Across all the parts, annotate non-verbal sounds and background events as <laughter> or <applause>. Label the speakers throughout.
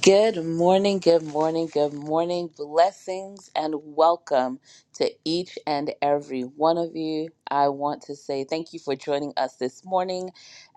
Speaker 1: Good morning, good morning, good morning. Blessings and welcome to each and every one of you. I want to say thank you for joining us this morning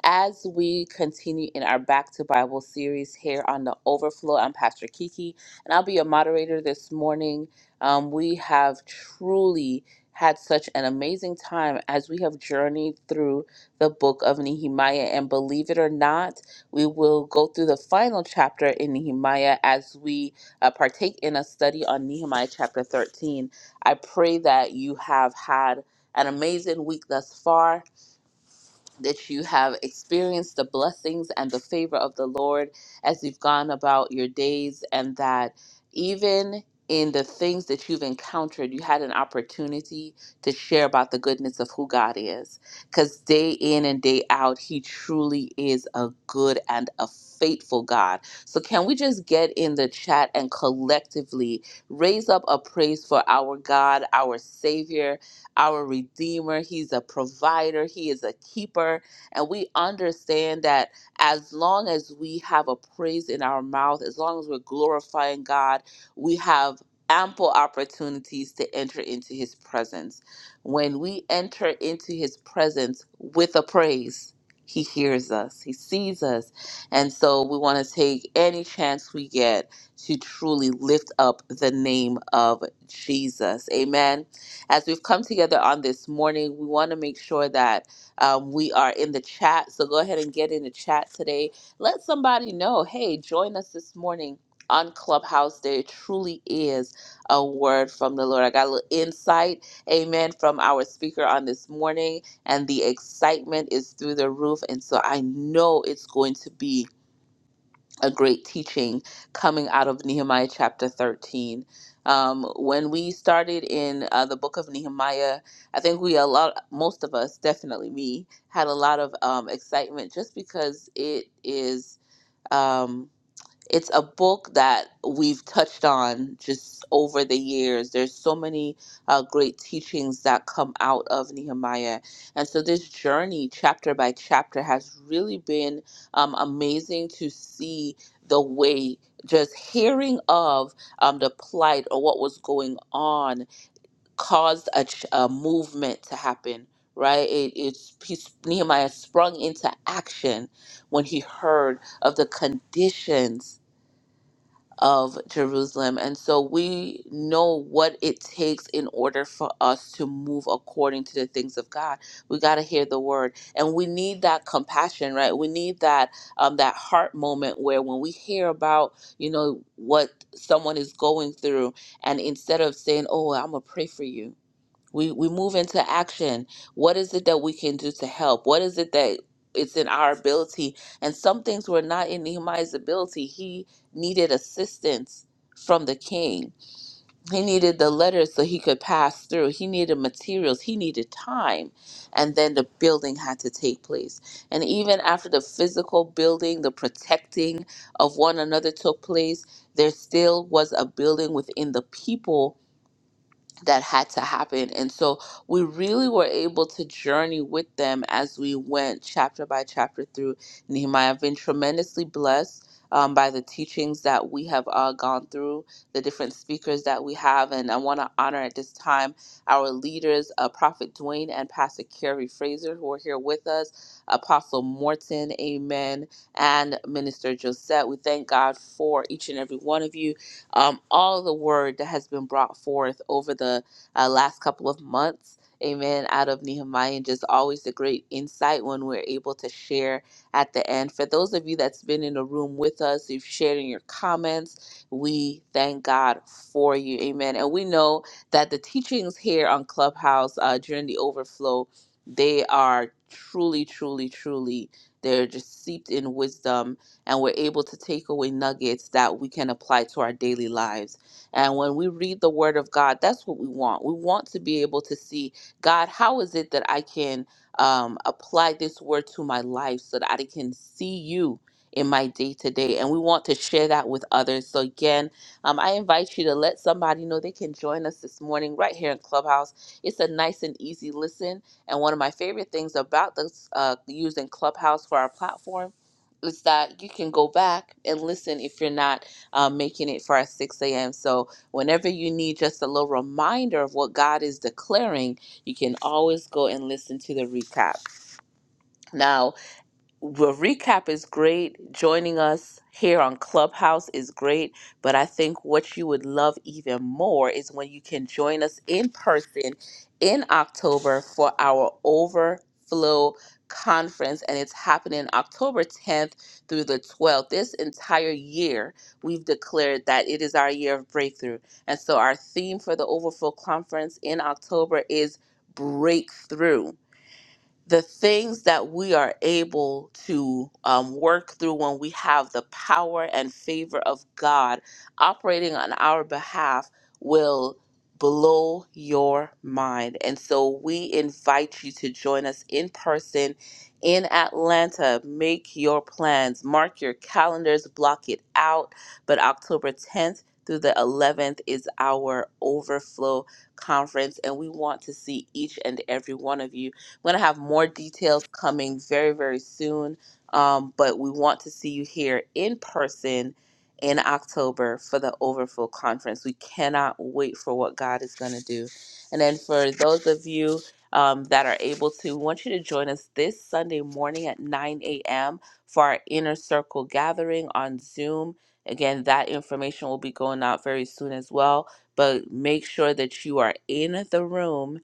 Speaker 1: as we continue in our Back to Bible series here on the Overflow. I'm Pastor Kiki, and I'll be your moderator this morning. Um, we have truly had such an amazing time as we have journeyed through the book of Nehemiah, and believe it or not, we will go through the final chapter in Nehemiah as we uh, partake in a study on Nehemiah chapter 13. I pray that you have had an amazing week thus far that you have experienced the blessings and the favor of the Lord as you've gone about your days, and that even in the things that you've encountered, you had an opportunity to share about the goodness of who God is. Because day in and day out, He truly is a good and a faithful God. So, can we just get in the chat and collectively raise up a praise for our God, our Savior? our Redeemer. He's a provider, He is a keeper. And we understand that as long as we have a praise in our mouth, as long as we're glorifying God, we have ample opportunities to enter into His presence. When we enter into His presence with a praise, he hears us. He sees us. And so we want to take any chance we get to truly lift up the name of Jesus. Amen. As we've come together on this morning, we want to make sure that um, we are in the chat. So go ahead and get in the chat today. Let somebody know hey, join us this morning on Clubhouse Day. It truly is a word from the Lord. I got a little insight, amen, from our speaker on this morning, and the excitement is through the roof. And so I know it's going to be a great teaching coming out of Nehemiah chapter 13. Um, when we started in uh, the book of Nehemiah, I think we a lot, most of us, definitely me, had a lot of um, excitement just because it is. Um, it's a book that we've touched on just over the years. There's so many uh, great teachings that come out of Nehemiah. And so this journey, chapter by chapter, has really been um, amazing to see the way just hearing of um, the plight or what was going on caused a, ch- a movement to happen. Right, it, it's he's- Nehemiah sprung into action when he heard of the conditions of Jerusalem. And so we know what it takes in order for us to move according to the things of God. We got to hear the word. And we need that compassion, right? We need that um that heart moment where when we hear about, you know, what someone is going through and instead of saying, "Oh, I'm going to pray for you." we we move into action what is it that we can do to help what is it that it's in our ability and some things were not in nehemiah's ability he needed assistance from the king he needed the letters so he could pass through he needed materials he needed time and then the building had to take place and even after the physical building the protecting of one another took place there still was a building within the people that had to happen. And so we really were able to journey with them as we went chapter by chapter through Nehemiah. I've been tremendously blessed. Um, by the teachings that we have uh, gone through, the different speakers that we have. And I want to honor at this time our leaders, uh, Prophet Dwayne and Pastor Carrie Fraser, who are here with us, Apostle Morton, amen, and Minister Josette. We thank God for each and every one of you um, all the word that has been brought forth over the uh, last couple of months. Amen. Out of Nehemiah, and just always the great insight when we're able to share at the end. For those of you that's been in the room with us, you've shared in your comments, we thank God for you. Amen. And we know that the teachings here on Clubhouse uh, during the overflow, they are truly, truly, truly, they're just seeped in wisdom and we're able to take away nuggets that we can apply to our daily lives. And when we read the Word of God, that's what we want. We want to be able to see, God, how is it that I can um, apply this Word to my life so that I can see you in my day to day? And we want to share that with others. So, again, um, I invite you to let somebody know they can join us this morning right here in Clubhouse. It's a nice and easy listen. And one of my favorite things about this, uh, using Clubhouse for our platform is that you can go back and listen if you're not uh, making it for our 6 a.m. So, whenever you need just a little reminder of what God is declaring, you can always go and listen to the recap. Now, the recap is great. Joining us here on Clubhouse is great. But I think what you would love even more is when you can join us in person in October for our overflow conference. And it's happening October 10th through the 12th. This entire year, we've declared that it is our year of breakthrough. And so our theme for the overflow conference in October is breakthrough the things that we are able to um, work through when we have the power and favor of God operating on our behalf will blow your mind. And so we invite you to join us in person in Atlanta. Make your plans, mark your calendars, block it out. But October 10th through the 11th is our overflow conference, and we want to see each and every one of you. I'm going to have more details coming very, very soon. Um, but we want to see you here in person in October for the Overflow Conference. We cannot wait for what God is going to do. And then for those of you um, that are able to, we want you to join us this Sunday morning at 9 a.m. for our Inner Circle gathering on Zoom. Again, that information will be going out very soon as well. But make sure that you are in the room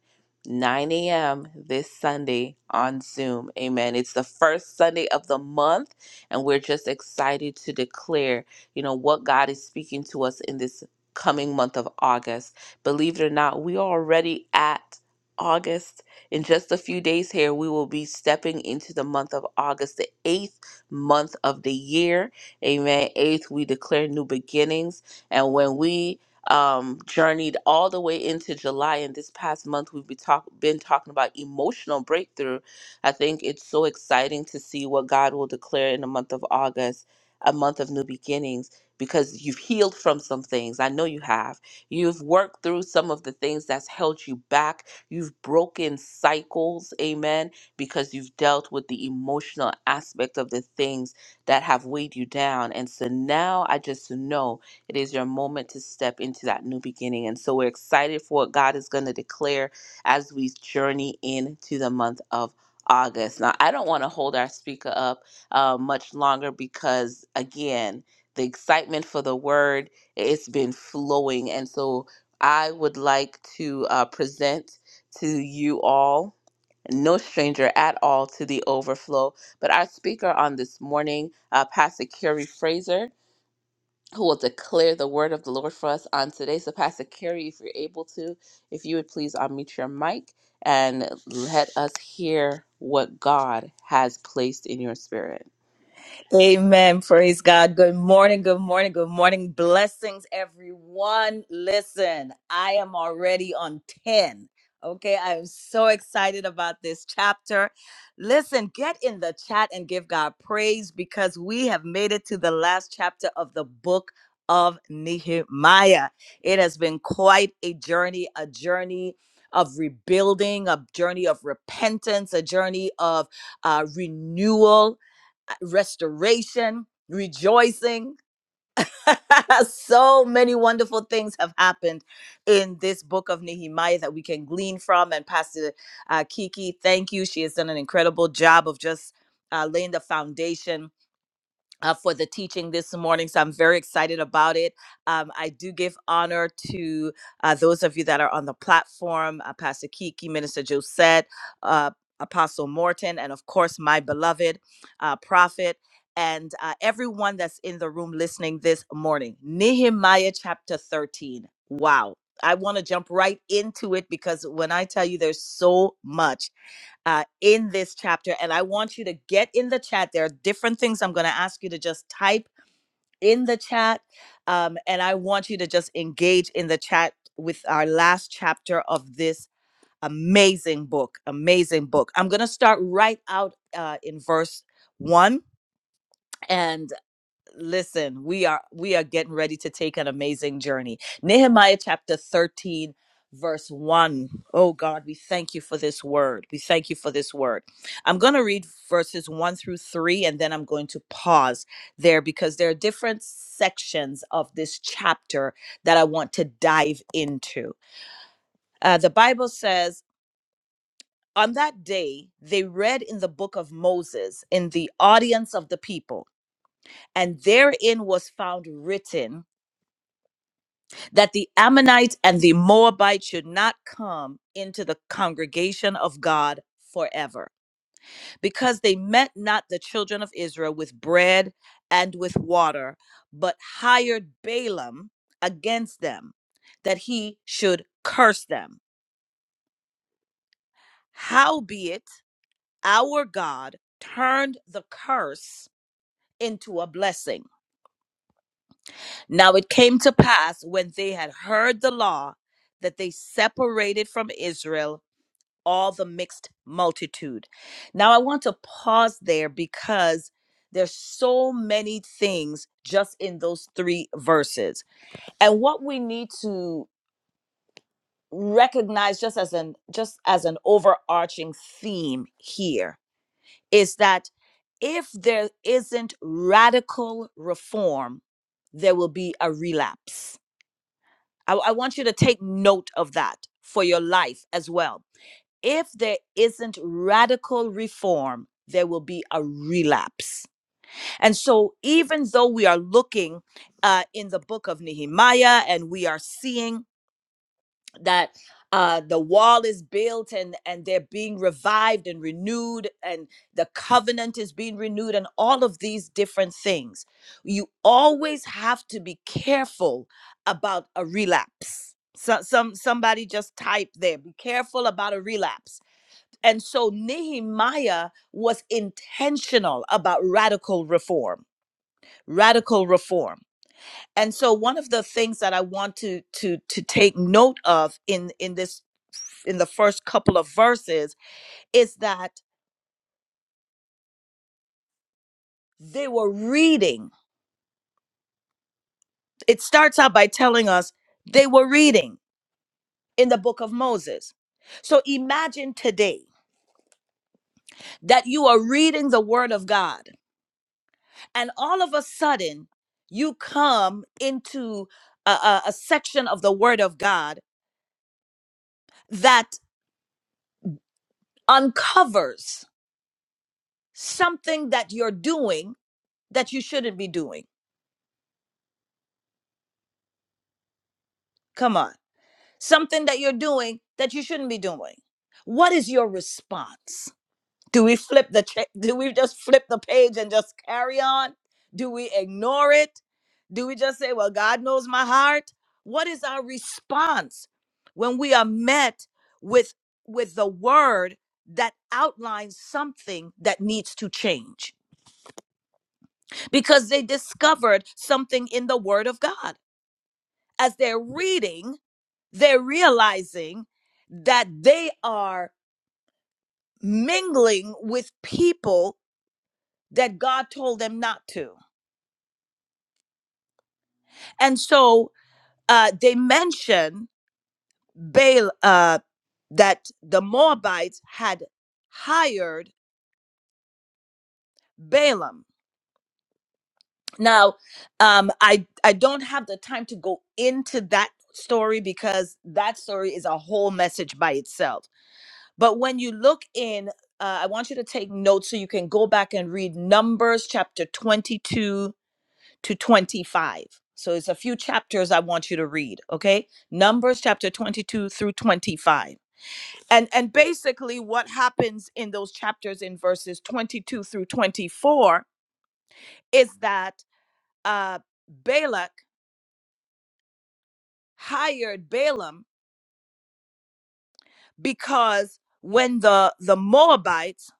Speaker 1: 9 a.m. this Sunday on Zoom. Amen. It's the first Sunday of the month, and we're just excited to declare, you know, what God is speaking to us in this coming month of August. Believe it or not, we are already at August. In just a few days here, we will be stepping into the month of August, the eighth month of the year. Amen. Eighth, we declare new beginnings. And when we um, journeyed all the way into July. And this past month, we've been, talk- been talking about emotional breakthrough. I think it's so exciting to see what God will declare in the month of August, a month of new beginnings, because you've healed from some things. I know you have. You've worked through some of the things that's held you back. You've broken cycles, amen, because you've dealt with the emotional aspect of the things that have weighed you down. And so now I just know it is your moment to step into that new beginning. And so we're excited for what God is going to declare as we journey into the month of August. Now, I don't want to hold our speaker up uh, much longer because, again, the excitement for the word it's been flowing and so i would like to uh, present to you all no stranger at all to the overflow but our speaker on this morning uh, pastor carrie fraser who will declare the word of the Lord for us on today. So, Pastor Carrie, if you're able to, if you would please unmute your mic and let us hear what God has placed in your spirit.
Speaker 2: Amen. Praise God. Good morning. Good morning. Good morning. Blessings, everyone. Listen, I am already on 10. Okay. I am so excited about this chapter. Listen, get in the chat and give God praise because we have made it to the last chapter of the book of Nehemiah. It has been quite a journey, a journey of rebuilding, a journey of repentance, a journey of uh, renewal uh, restoration, rejoicing. <laughs> so many wonderful things have happened in this book of Nehemiah that we can glean from. And Pastor uh, Kiki, thank you. She has done an incredible job of just uh, laying the foundation uh, for the teaching this morning. So I'm very excited about it. Um, I do give honor to uh, those of you that are on the platform uh, Pastor Kiki, Minister Josette, uh, Apostle Morton, and of course, my beloved uh, prophet. And uh, everyone that's in the room listening this morning, Nehemiah chapter 13. Wow. I want to jump right into it because when I tell you there's so much uh, in this chapter. And I want you to get in the chat. There are different things I'm going to ask you to just type in the chat. Um, and I want you to just engage in the chat with our last chapter of this amazing book. Amazing book. I'm going to start right out uh, in verse one. and listen we are we are getting ready to take an amazing journey nehemiah chapter 13 verse 1 oh god we thank you for this word we thank you for this word i'm going to read verses 1 through 3 and then i'm going to pause there because there are different sections of this chapter that i want to dive into uh, the bible says on that day they read in the book of moses in the audience of the people and therein was found written that the Ammonites and the Moabites should not come into the congregation of God forever, because they met not the children of Israel with bread and with water, but hired Balaam against them, that he should curse them. Howbeit, our God turned the curse into a blessing. Now it came to pass when they had heard the law that they separated from Israel all the mixed multitude. Now, I want to pause there because there's so many things just in those three verses. And what we need to recognize just as an just as an overarching theme here is that if there isn't radical reform, there will be a relapse. I, I want you to take note of that for your life as well if there isn't radical reform, there will be a relapse. And so, even though we are looking uh, in the book of Nehemiah and we are seeing that uh, the wall is built and, and they're being revived and renewed, and the covenant is being renewed, and all of these different things, you always have to be careful about a relapse. So, some somebody just typed there. Be careful about a relapse and so Nehemiah was intentional about radical reform, radical reform. And so one of the things that I want to to to take note of in in this in the first couple of verses is that they were reading. It starts out by telling us they were reading in the book of Moses. So imagine today that you are reading the word of God and all of a sudden you come into a, a, a section of the word of god that uncovers something that you're doing that you shouldn't be doing come on something that you're doing that you shouldn't be doing what is your response Do we flip the cha- do we just flip the page and just carry on? Do we ignore it? Do we just say, "Well, God knows my heart"? What is our response when we are met with with the word that outlines something that needs to change? Because they discovered something in the word of God. As they're reading, they're realizing that they are mingling with people that God told them not to And so uh, they mention Baal, uh, that the Moabites had hired Balaam. Now, um, I I don't have the time to go into that story because that story is a whole message by itself. But when you look in, uh, I want you to take notes so you can go back and read Numbers chapter twenty-two to twenty-five. So it's a few chapters I want you to read. Okay, Numbers chapter twenty-two through twenty-five and and basically what happens in those chapters in verses 22 through 24 is that uh balak hired balaam because when the the moabites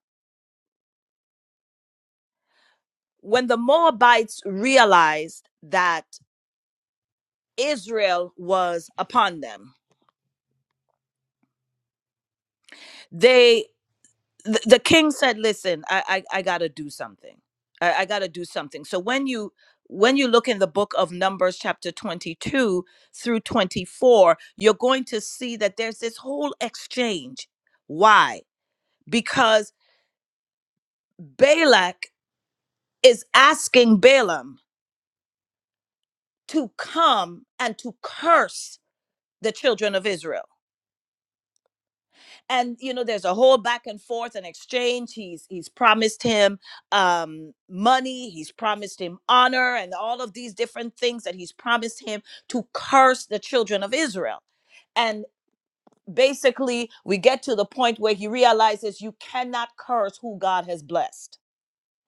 Speaker 2: when the moabites realized that israel was upon them they. the, the king said listen i i, I gotta do something I, I gotta do something so when you when you look in the book of numbers chapter 22 through 24 you're going to see that there's this whole exchange why because balak is asking balaam to come and to curse the children of israel and you know there's a whole back and forth and exchange he's he's promised him um money he's promised him honor and all of these different things that he's promised him to curse the children of israel and basically we get to the point where he realizes you cannot curse who god has blessed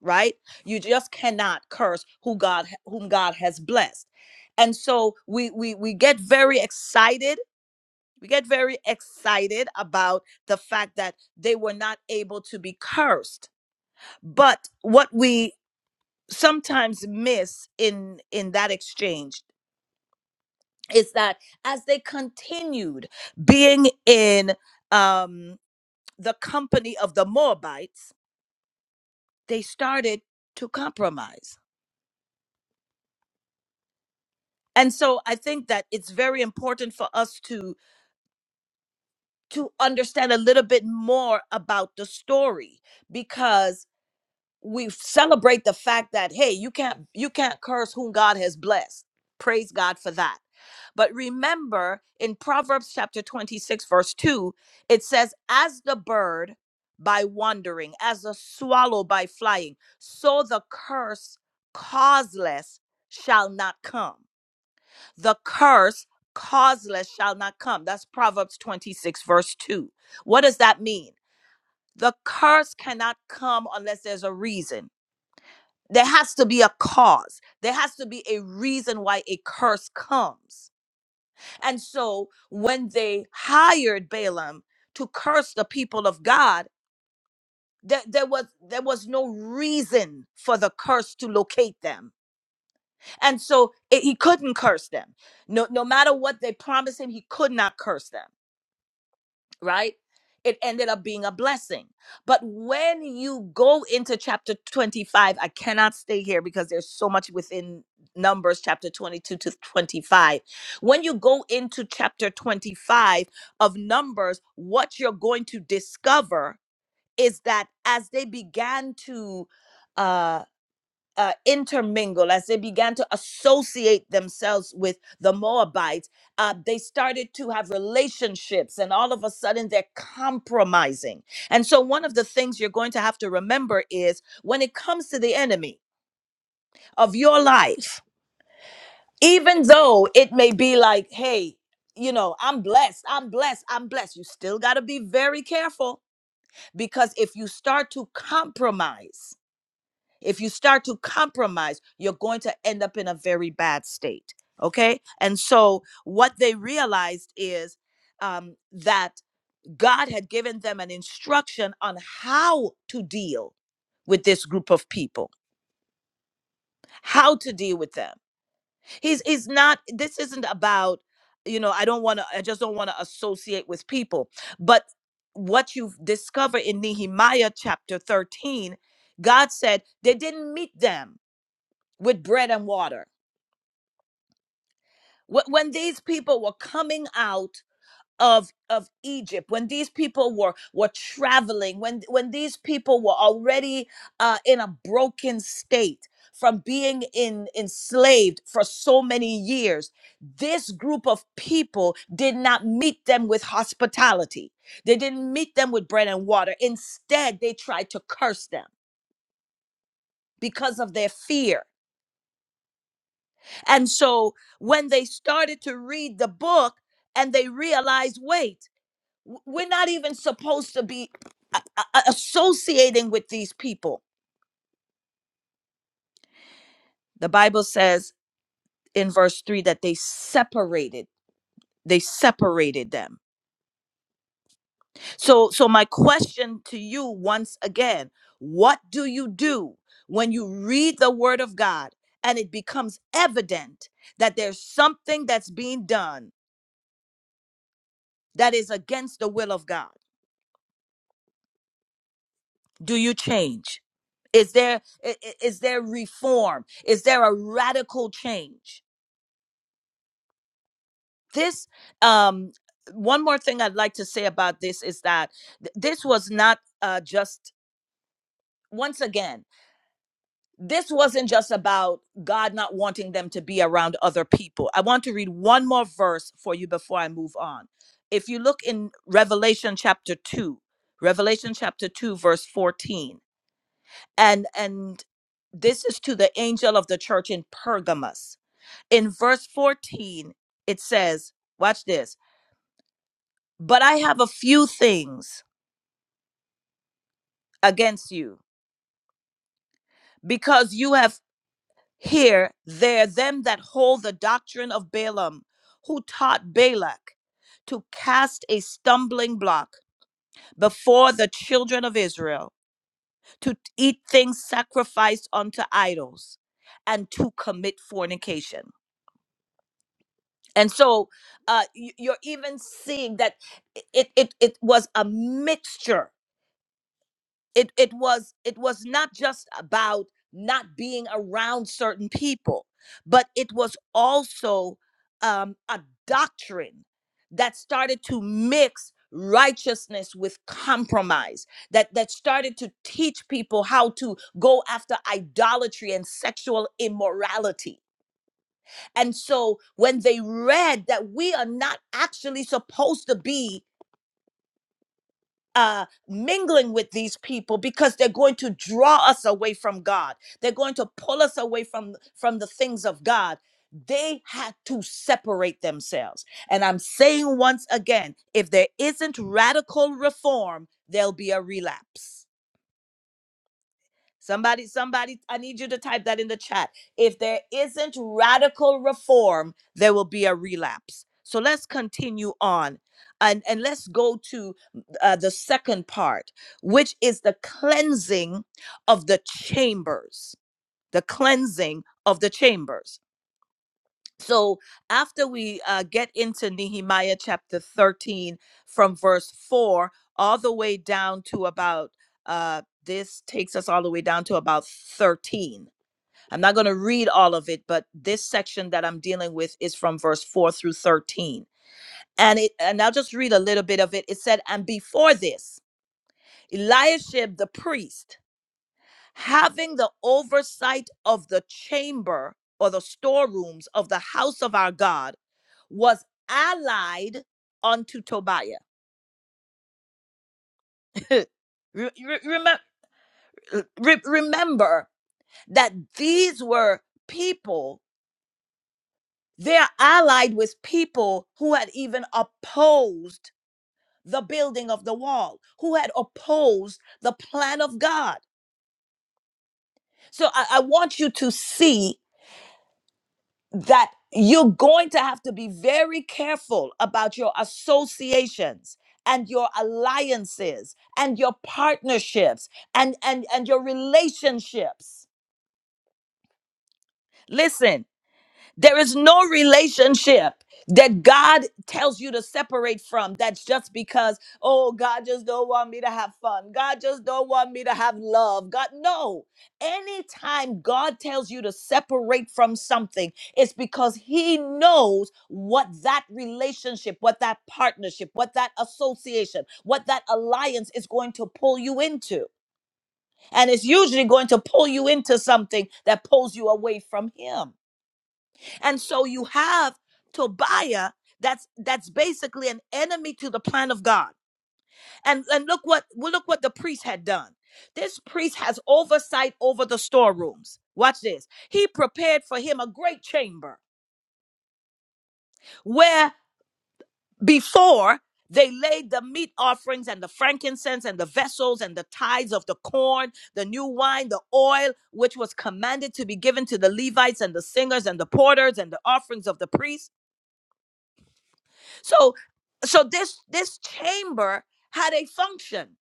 Speaker 2: right you just cannot curse who god whom god has blessed and so we we we get very excited we get very excited about the fact that they were not able to be cursed. But what we sometimes miss in in that exchange is that as they continued being in um, the company of the Moabites, they started to compromise. And so I think that it's very important for us to to understand a little bit more about the story because we celebrate the fact that hey you can't you can't curse whom god has blessed praise god for that but remember in proverbs chapter 26 verse 2 it says as the bird by wandering as a swallow by flying so the curse causeless shall not come the curse causeless shall not come that's proverbs 26 verse 2 what does that mean the curse cannot come unless there's a reason there has to be a cause there has to be a reason why a curse comes and so when they hired balaam to curse the people of god there, there was there was no reason for the curse to locate them and so it- he couldn't curse them no no matter what they promised him he could not curse them right? It ended up being a blessing. But when you go into chapter 25, I cannot stay here because there's so much within Numbers chapter 22 to 25. When you go into chapter 25 of Numbers, what you're going to discover is that as they began to uh uh, intermingle, as they began to associate themselves with the Moabites, uh, they started to have relationships, and all of a sudden they're compromising. And so, one of the things you're going to have to remember is when it comes to the enemy of your life, even though it may be like, hey, you know, I'm blessed, I'm blessed, I'm blessed, you still got to be very careful because if you start to compromise, If you start to compromise, you're going to end up in a very bad state. Okay. And so what they realized is um, that God had given them an instruction on how to deal with this group of people, how to deal with them. He's, he's not, this isn't about, you know, I don't want to, I just don't want to associate with people. But what you discover in Nehemiah chapter 13, God said they didn't meet them with bread and water. Wh- When these people were coming out of of Egypt, when these people were were traveling, when when these people were already uh, in a broken state from being in enslaved for so many years, this group of people did not meet them with hospitality. They didn't meet them with bread and water. Instead, they tried to curse them because of their fear And so when they started to read the book and they realized, wait, w- we're not even supposed to be a- a- associating with these people. The Bible says in verse 3 that they separated they separated them. So so my question to you once again, what do you do when you read the word of God and it becomes evident that there's something that's being done that is against the will of God? do you change is there i- i- is there reform is there a radical change this um one more thing i'd like to say about this is that th- this was not uh just once again this wasn't just about god not wanting them to be around other people i want to read one more verse for you before i move on if you look in revelation chapter 2 revelation chapter 2 verse 14 and and this is to the angel of the church in Pergamos. In verse 14, it says, watch this. But I have a few things against you because you have here there them that hold the doctrine of Balaam who taught Balak to cast a stumbling block before the children of Israel to eat things sacrificed unto idols and to commit fornication. and so uh, y- you're even seeing that it, it it was a mixture. It it was it was not just about not being around certain people, but it was also um, a doctrine that started to mix righteousness with compromise that that started to teach people how to go after idolatry and sexual immorality and so when they read that we are not actually supposed to be uh, mingling with these people because they're going to draw us away from God, they're going to pull us away from, from the things of God. They had to separate themselves. And I'm saying once again if there isn't radical reform, there'll be a relapse. Somebody, somebody, I need you to type that in the chat. If there isn't radical reform, there will be a relapse. So let's continue on and, and let's go to mm, uh, the second part, which is the cleansing of the chambers. The cleansing of the chambers. So after we uh, get into Nehemiah chapter 13 from verse 4 all the way down to about uh, this takes us all the way down to about 13. I'm not going to read all of it, but this section that I'm dealing with is from verse 4 through 13. And it and I'll just read a little bit of it. It said, And before this, Eliashib the priest having the oversight of the chamber or the storerooms of the house of our God was allied unto Tobiah. <laughs> Re- re- remem- re- remember that these were people, they're allied with people who had even opposed the building of the wall, who had opposed the plan of God. So I I want you to see. that you're going to have to be very careful about your associations and your alliances and your partnerships and and and your relationships listen there is no relationship that God tells you to separate from. That's just because, oh, God just don't want me to have fun. God just don't want me to have love. God, no. Anytime God tells you to separate from something, it's because He knows what that relationship, what that partnership, what that association, what that alliance is going to pull you into. And it's usually going to pull you into something that pulls you away from Him. And so you have Tobiah that's that's basically an enemy to the plan of God. And and look what well, look what the priest had done. This priest has oversight over the storerooms. Watch this. He prepared for him a great chamber where before they laid the meat offerings and the frankincense and the vessels and the tithes of the corn, the new wine, the oil, which was commanded to be given to the Levites and the singers and the porters and the offerings of the priests. So so this this chamber had a function.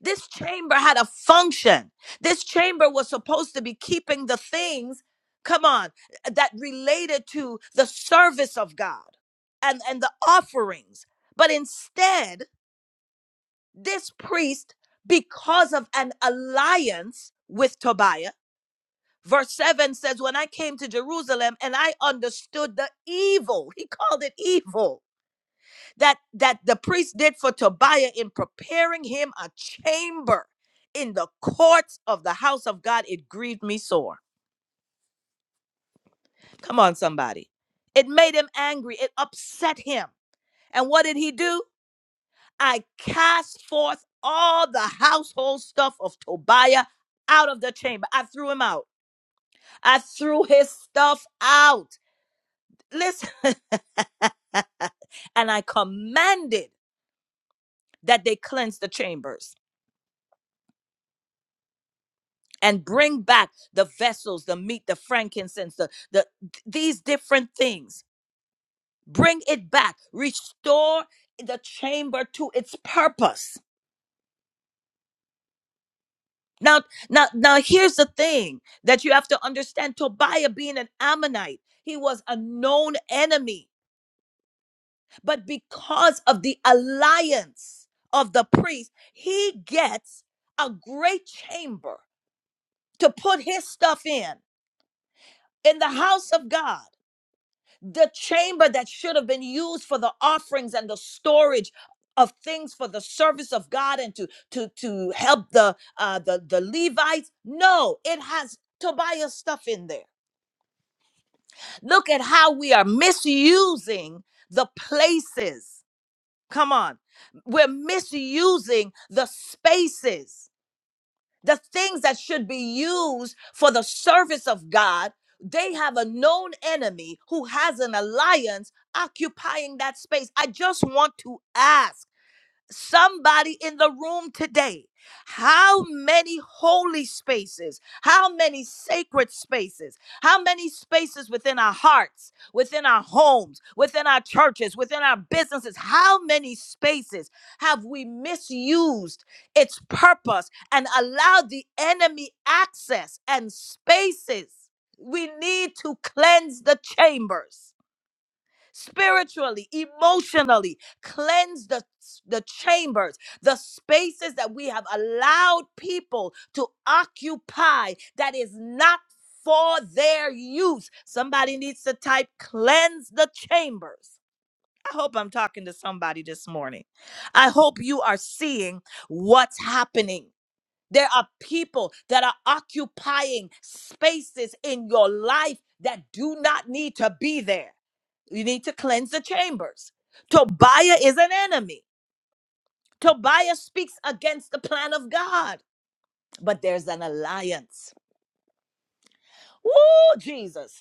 Speaker 2: This chamber had a function. This chamber was supposed to be keeping the things come on eh, that related to the service of God and and the offerings. But instead, this priest because of an alliance with Tobiah Verse 7 says, When I came to Jerusalem and I understood the evil, he called it evil that that the priest did for Tobiah in preparing him a chamber in the courts of the house of God, it grieved me sore. Come on, somebody. It made him angry. It upset him. And what did he do? I cast forth all the household stuff of Tobiah out of the chamber. I threw him out. I threw his stuff out. Listen, <laughs> and I commanded that they cleanse the chambers. and bring back the vessels, the meat, the frankincense, the, the these different things. Bring it back. Restore the chamber to its purpose. Now, now, now here's the thing that you have to understand. Tobiah being an Ammonite, he was a known enemy. But because of the alliance of the priest, he gets a great chamber to put his stuff in in the house of God. the chamber that should have been used for the offerings and the storage of things for the service of God and to to to help the uh the the Levites no it has Tobiah stuff in there look at how we are misusing the places come on we're misusing the spaces the things that should be used for the service of God, they have a known enemy who has an alliance occupying that space. I just want to ask somebody in the room today how many holy spaces how many sacred spaces how many spaces within our hearts within our homes within our churches within our businesses how many spaces have we misused its purpose and allowed the enemy access and spaces we need to cleanse the chambers spiritually, emotionally. Cleanse the, the chambers, the spaces that we have allowed people to occupy that is not for their use. Somebody needs to type cleanse the chambers. I hope I'm talking to somebody this morning. I hope you are seeing what's happening. There are people that are occupying spaces in your life that do not need to be there. You need to cleanse the chambers. Tobiah is an enemy. Tobiah speaks against the plan of God, but there's an alliance. Woo, Jesus.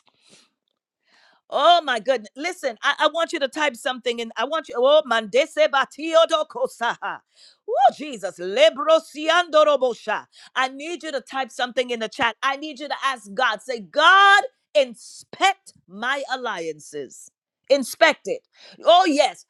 Speaker 2: Oh my goodness. Listen, I, I want you to type something and I want you. Oh, mandese batiodo kosaha. Oh, Jesus. Lebrosiando robosha. I need you to type something in the chat. I need you to ask God. Say, God, inspect my alliances. Inspect it. Oh, yes.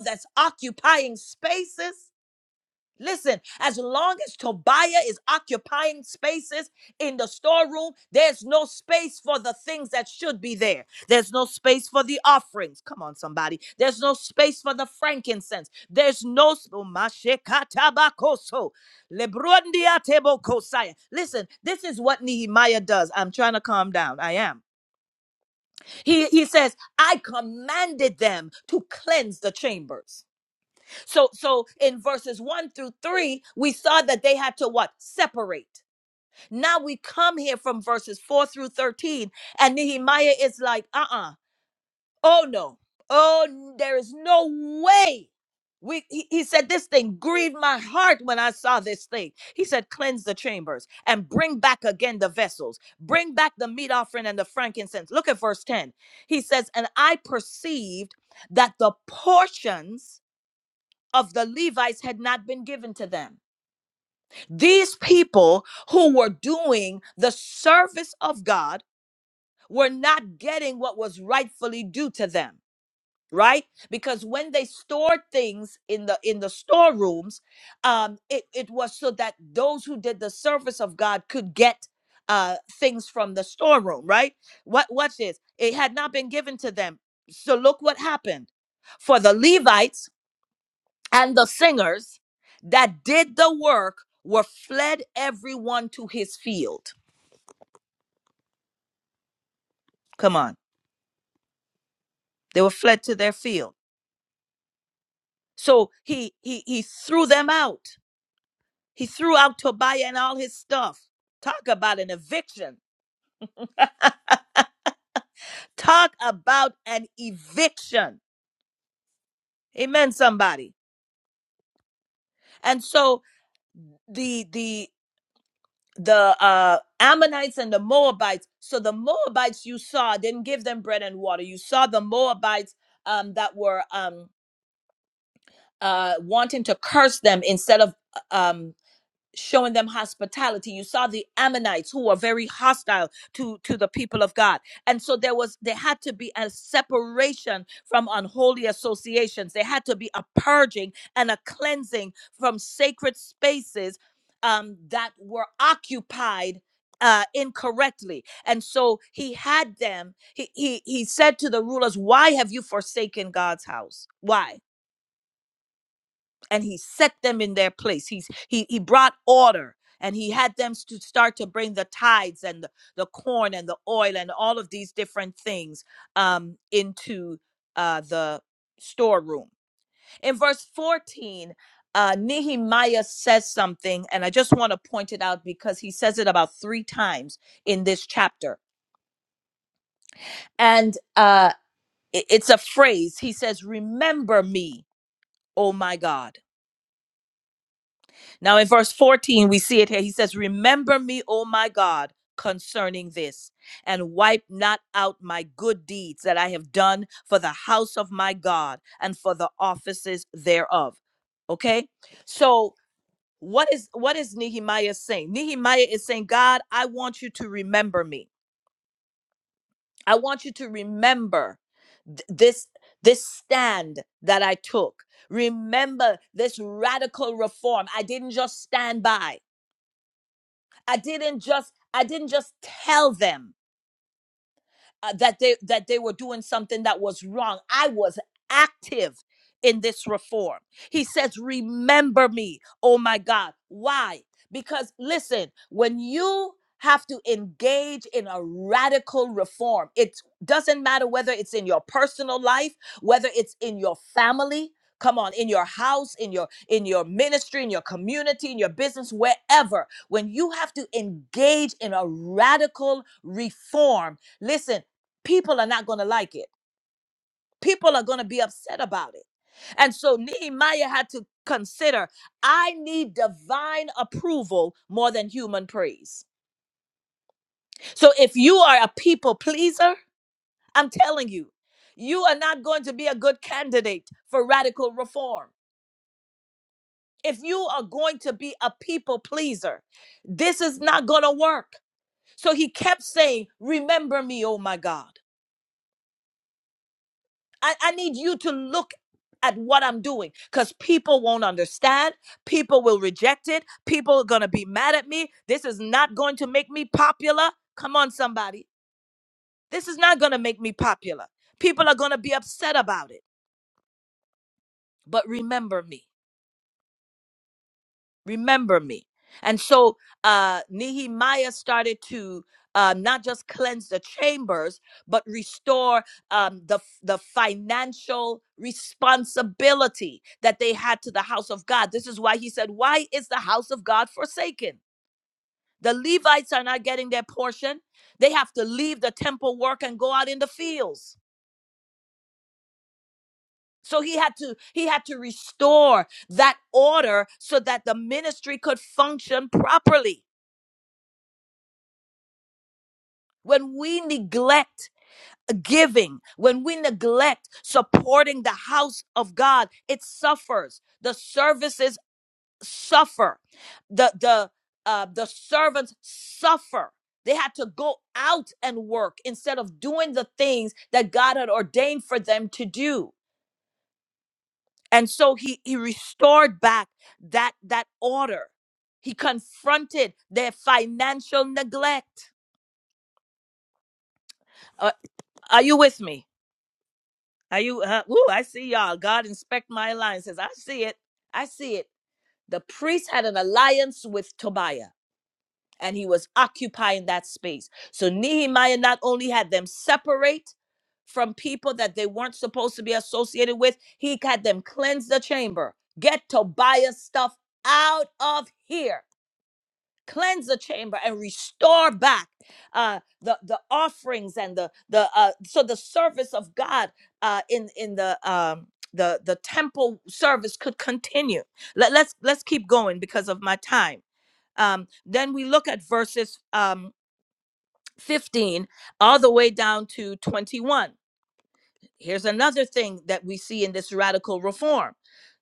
Speaker 2: That's occupying spaces. Listen, as long as Tobiah is occupying spaces in the storeroom, there's no space for the things that should be there. There's no space for the offerings. Come on, somebody. There's no space for the frankincense. There's no. s- oh, mashekatabakoso, lebrundiatebokosaya. Listen, this is what Nehemiah does. I'm trying to calm down. I am. He, he says, I commanded them to cleanse the chambers. So so in verses 1 through 3, we saw that they had to what? Separate. Now we come here from verses 4 through 13 and Nehemiah is like, "Uh-uh. Oh no. Oh, n- there is no way." We he, he said this thing grieved my heart when I saw this thing. He said, "Cleanse the chambers and bring back again the vessels. Bring back the meat offering and the frankincense." Look at verse 10. He says, "And I perceived that the portions of the Levites had not been given to them. These people who were doing the service of God were not getting what was rightfully due to them right because when they stored things in the in the storerooms um it, it was so that those who did the service of god could get uh things from the storeroom right what watch this it had not been given to them so look what happened for the levites and the singers that did the work were fled everyone to his field come on they were fled to their field so he he he threw them out he threw out tobiah and all his stuff talk about an eviction <laughs> talk about an eviction amen somebody and so the the. the uh, Ammonites and the Moabites. So the Moabites you saw didn't give them bread and water. You saw the Moabites um, that were um, uh, wanting to curse them instead of uh, um, showing them hospitality you saw the ammonites who were very hostile to to the people of god and so there was there had to be a separation from unholy associations there had to be a purging and a cleansing from sacred spaces um, that were occupied uh, incorrectly and so he had them he, he he said to the rulers why have you forsaken god's house why and he set them in their place. He's he he brought order and he had them to start to bring the tithes and the, the corn and the oil and all of these different things um into uh the storeroom. In verse 14, uh Nehemiah says something, and I just want to point it out because he says it about three times in this chapter. And uh i- it's a phrase. He says, Remember me, oh my God Now, in verse 14, we see it here. He says, Remember me, O my God, concerning this, and wipe not out my good deeds that I have done for the house of my God and for the offices thereof. Okay? So, what is what is Nehemiah saying? Nehemiah is saying, God, I want you to remember me. I want you to remember th- this this stand that I took. Remember this radical reform. I didn't just stand by. I didn't just I didn't just tell them uh, that they that they were doing something that was wrong. I was active in this reform. He says, "Remember me, oh my God." Why? Because listen, when you have to engage in a radical reform, it doesn't matter whether it's in your personal life, whether it's in your family. Come on, in your house, in your in your ministry, in your community, in your business, wherever. When you have to engage in a radical reform, listen people are not going to like it. People are going to be upset about it. And so Nehemiah had to consider I need divine approval more than human praise. So if you are a people pleaser, I'm telling you, you are not going to be a good candidate for radical reform. If you are going to be a people pleaser, this is not going to work. So he kept saying, Remember me, oh my God. I, I need you to look at what I'm doing because people won't understand. People will reject it. People are going to be mad at me. This is not going to make me popular. Come on, somebody. This is not going to make me popular. People are going to be upset about it. But remember me. remember me. And so uh, Nehemiah started to uh, not just cleanse the chambers, but restore um, the, the financial responsibility that they had to the house of God. This is why he said, Why is the house of God forsaken? The Levites are not getting their portion. They have to leave the temple work and go out in the fields. So he had to he had to restore that order so that the ministry could function properly. when we neglect giving, when we neglect supporting the house of God, it suffers. The services suffer. The the uh, the servants suffer. They had to go out and work instead of doing the things that God had ordained for them to do. And so he he restored back that that order. He confronted their financial neglect. Uh, are you with me? Are you? Uh, woo! I see y'all. God inspect my alliances. I see it. I see it. The priest had an alliance with Tobiah, and he was occupying that space. So Nehemiah not only had them separate from people that they weren't supposed to be associated with, he had them cleanse the chamber, get Tobiah's stuff out of here cleanse the chamber and restore back uh, the the offerings and the the uh, so the service of God uh, in in the um, the the temple service could continue. Let, let's let's keep going because of my time. Um, then we look at verses um, 15 all the way down to 21. Here's another thing that we see in this radical reform.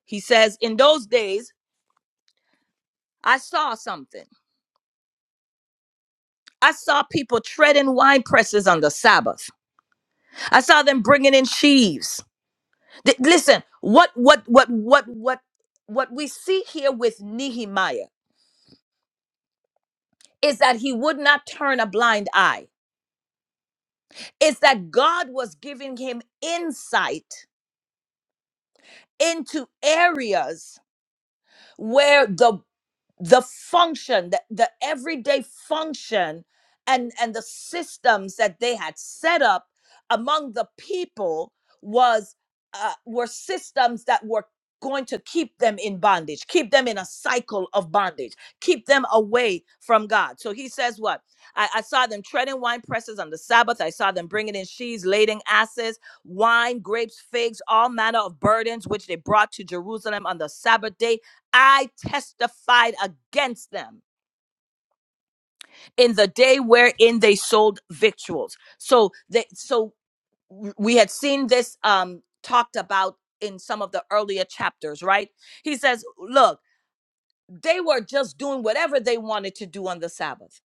Speaker 2: He says, In those days, I saw something. I saw people treading wine presses on the Sabbath. I saw them bringing in sheaves. Th- listen, what what what what what what we see here with Nehemiah is that he would not turn a blind eye. It's that God was giving him insight into areas where the the function the, the everyday function and and the systems that they had set up among the people was uh, were systems that were going to keep them in bondage keep them in a cycle of bondage keep them away from god so he says what i, I saw them treading wine presses on the sabbath i saw them bringing in sheaves lading asses wine grapes figs all manner of burdens which they brought to jerusalem on the sabbath day I testified against them in the day wherein they sold victuals. So they so we had seen this um talked about in some of the earlier chapters, right? He says, look, they were just doing whatever they wanted to do on the Sabbath.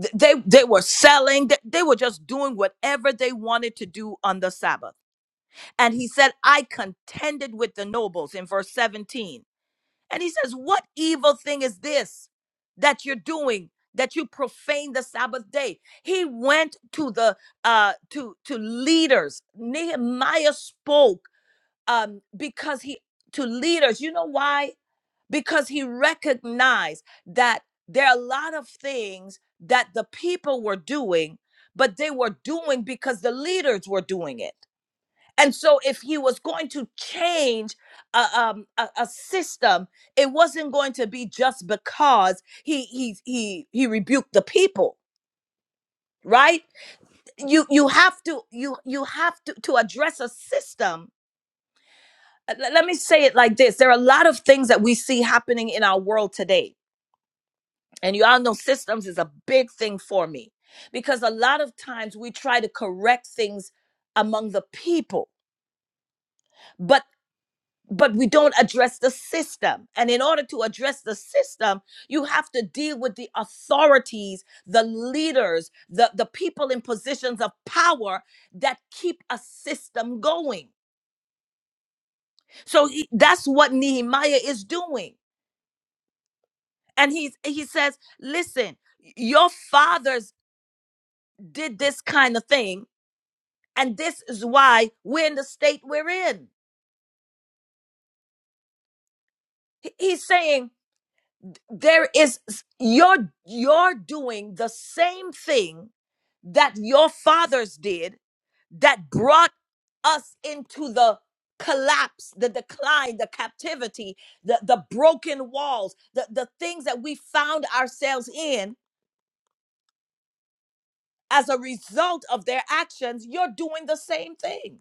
Speaker 2: Th- They they were selling, th- they were just doing whatever they wanted to do on the Sabbath. And he said, I contended with the nobles in verse 17 And he says, What evil thing is this that you're doing? That you profane the Sabbath day. He went to the uh to to leaders. Nehemiah spoke um because he to leaders. You know why? Because he recognized that there are a lot of things that the people were doing, but they were doing because the leaders were doing it. And so, if he was going to change a, um, a, a system, it wasn't going to be just because he he he he rebuked the people, right? You you have to you you have to to address a system. Uh, le- Let me say it like this: There are a lot of things that we see happening in our world today, and you all know systems is a big thing for me because a lot of times we try to correct things among the people but. but we don't address the system. And in order to address the system, you have to deal with the authorities, the leaders, the, the people in positions of power that keep a system going. So he- that's what Nehemiah is doing. And he's, he says, listen, your fathers did this kind of thing, and this is why we're in the state we're in. He- He's saying, there is you're you're doing the same thing that your fathers did that brought us into the collapse the decline the captivity the the broken walls the the things that we found ourselves in as a result of their actions you're doing the same thing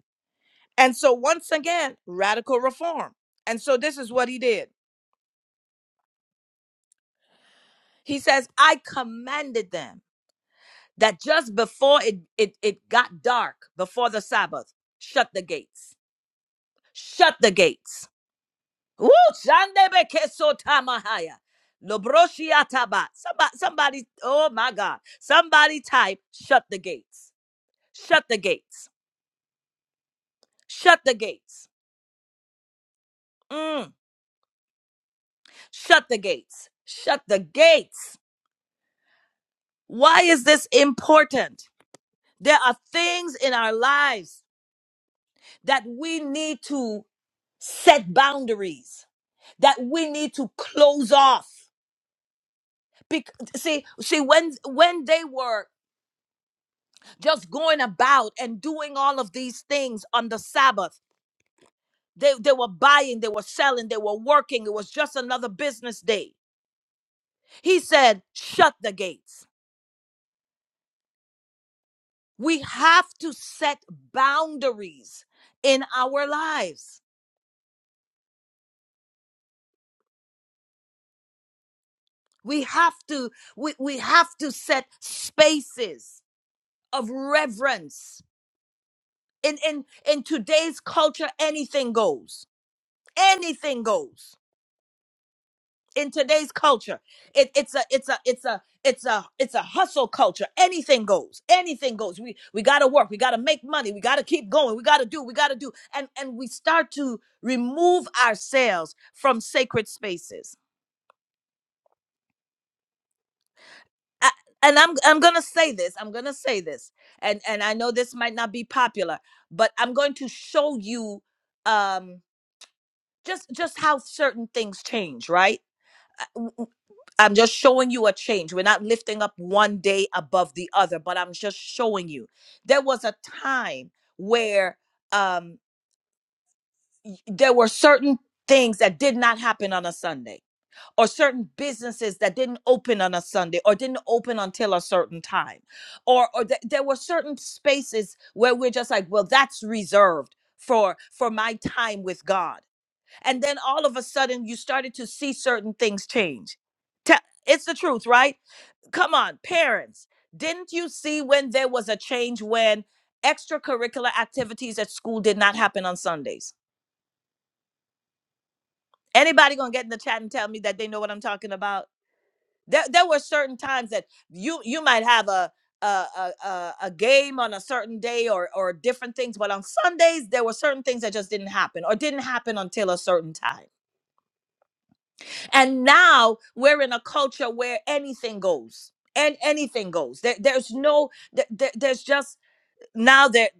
Speaker 2: and so once again radical reform and so this is what he did he says i commanded them that just before it, it it got dark before the sabbath shut the gates shut the gates Woo! Shandebekesotamahaya. Lobroshiataba. somebody somebody oh my god somebody type shut the gates shut the gates shut the gates Mm. shut the gates shut the gates why is this important there are things in our lives that we need to set boundaries that we need to close off. Bec- see, see, when when they were just going about and doing all of these things on the Sabbath, they, they were buying, they were selling, they were working. It was just another business day. He said, shut the gates. We have to set boundaries in our lives. We have to, we, we have to set spaces of reverence. In in in today's culture, anything goes anything goes in today's culture it, it's a it's a it's a it's a it's a hustle culture anything goes anything goes we we gotta work we gotta make money we gotta keep going we gotta do we gotta do and and we start to remove ourselves from sacred spaces I, and i'm i'm gonna say this i'm gonna say this and and i know this might not be popular but i'm going to show you um just just how certain things change right I'm just showing you a change. We're not lifting up one day above the other, but I'm just showing you. There was a time where um, y- there were certain things that did not happen on a Sunday, or certain businesses that didn't open on a Sunday, or didn't open until a certain time, or or th- there were certain spaces where we're just like, well, that's reserved for for my time with God and then all of a sudden you started to see certain things change Te- it's the truth right come on parents didn't you see when there was a change when extracurricular activities at school did not happen on sundays anybody gonna get in the chat and tell me that they know what i'm talking about there, there were certain times that you you might have a a, a, a a game on a certain day or or different things but on sundays there were certain things that just didn't happen or didn't happen until a certain time And now we're in a culture where anything goes and anything goes. There, there's no, there, there- there's just now that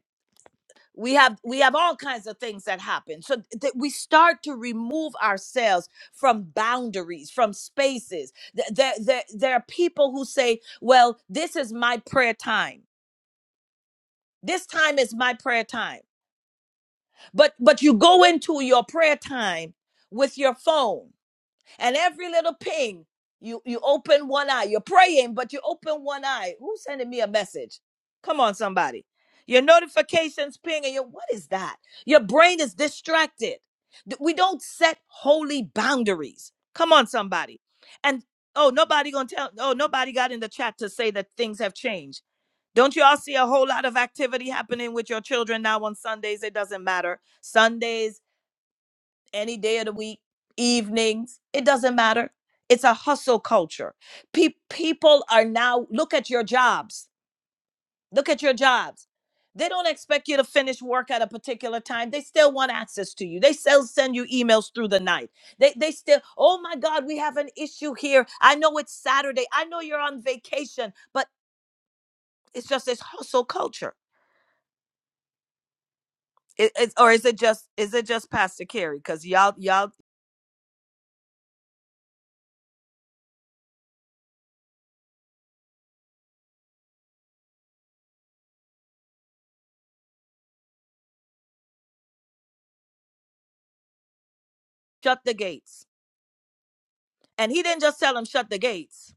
Speaker 2: we have, we have all kinds of things that happen. So that we start to remove ourselves from boundaries, from spaces. Th- There, there, there are people who say, well, this is my prayer time. This time is my prayer time. But, but you go into your prayer time with your phone and every little ping you you open one eye you're praying but you open one eye who's sending me a message come on somebody your notifications ping and your what is that your brain is distracted Th- we don't set holy boundaries come on somebody and oh nobody gonna tell oh nobody got in the chat to say that things have changed don't you all see a whole lot of activity happening with your children now on sundays it doesn't matter sundays any day of the week, evenings, it doesn't matter. It's a hustle culture. Pe- people are now, look at your jobs. Look at your jobs. They don't expect you to finish work at a particular time. They still want access to you. They still send you emails through the night. They, they still, oh my God, we have an issue here. I know it's Saturday. I know you're on vacation, but it's just this hustle culture. It, it's or is it just is it just Pastor Carey? Because y'all y'all shut the gates, and he didn't just tell him shut the gates.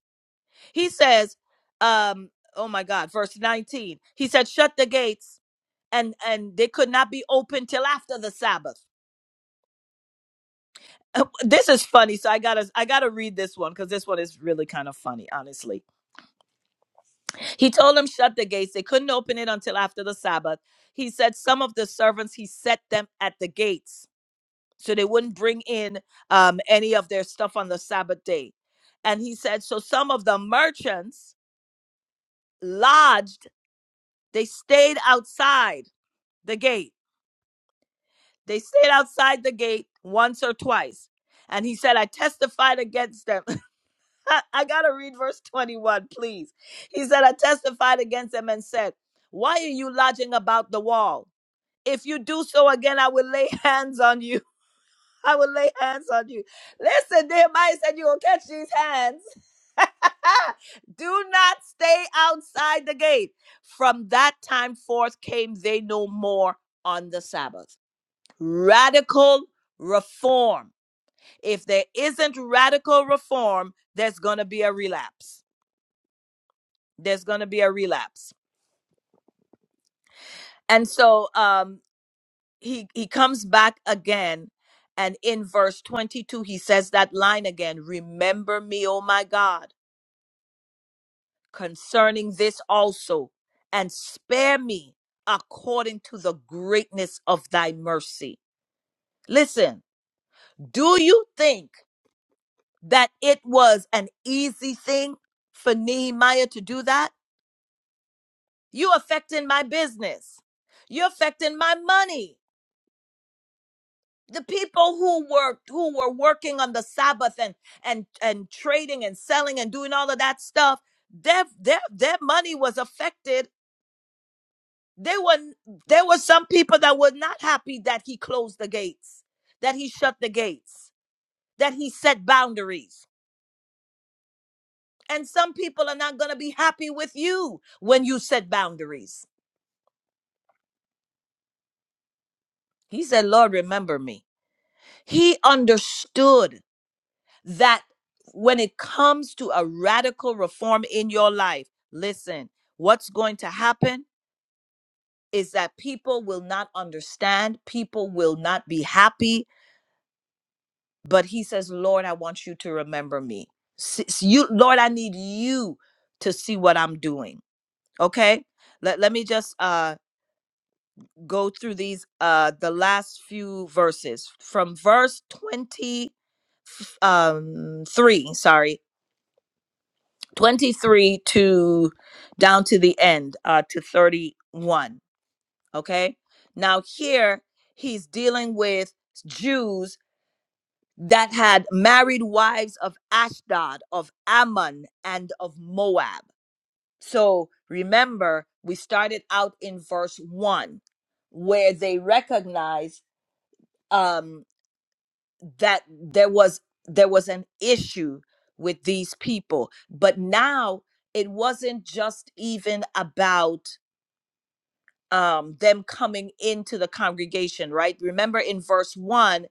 Speaker 2: He says, um, oh my God, verse 19. He said, shut the gates and and they could not be open till after the Sabbath. Uh, This is funny, so I gotta I gotta read this one because this one is really kind of funny, honestly. He told them shut the gates. They couldn't open it until after the Sabbath. He said some of the servants he set them at the gates so they wouldn't bring in um, any of their stuff on the Sabbath day. And he said so some of the merchants lodged. They stayed outside the gate. They stayed outside the gate once or twice. And he said, I testified against them. <laughs> I got to read verse 21, please. He said, I testified against them and said, Why are you lodging about the wall? If you do so again, I will lay <laughs> hands on you. <laughs> I will lay hands on you. Listen, Nehemiah said, You're going to catch these hands. <laughs> do not stay outside the gate. From that time forth came they no more on the Sabbath. radical reform. If there isn't radical reform, there's going to be a relapse. There's going to be a relapse. And so um, he he comes back again, and in verse 22 he says that line again. Remember me, O my God, concerning this also, and spare me according to the greatness of thy mercy. Listen, do you think? that it was an easy thing for Nehemiah to do that? You affecting my business. You're affecting my money. The people who were who were working on the Sabbath and and and trading and selling and doing all of that stuff, their their their money was affected. They were there were some people that were not happy that he closed the gates, that he shut the gates, that he set boundaries And some people are not going to be happy with you when you set boundaries. He said, Lord, remember me. He understood that when it comes to a radical reform in your life, listen, what's going to happen is that people will not understand, people will not be happy. But he says, Lord, I want you to remember me. S- s- You, Lord, I need you to see what I'm doing. Okay? Let, let me just uh go through these uh the last few verses from verse 20 um 3 sorry 23 to down to the end uh to 31 okay now here he's dealing with Jews that had married wives of Ashdod of Ammon and of Moab so remember we started out in verse 1 where they recognize um that there was there was an issue with these people but now it wasn't just even about um them coming into the congregation right remember in verse 1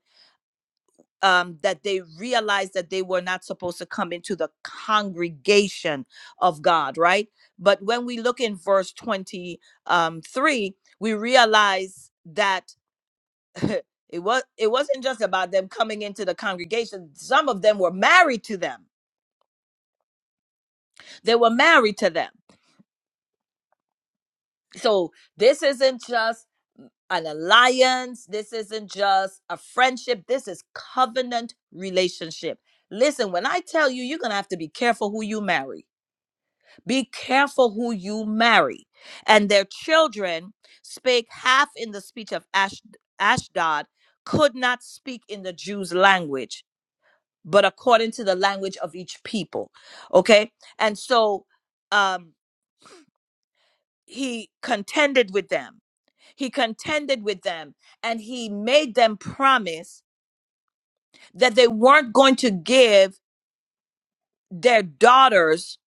Speaker 2: um that they realized that they were not supposed to come into the congregation of God right but when we look in verse 23 we realize that <laughs> it was it wasn't just about them coming into the congregation some of them were married to them they were married to them so this isn't just an alliance this isn't just a friendship this is covenant relationship listen when i tell you you're gonna have to be careful who you marry be careful who you marry and their children spake half in the speech of Ash- ashdod could not speak in the jews language but according to the language of each people. Okay. And so um, he contended with them. He contended with them and he made them promise that they weren't going to give their daughters,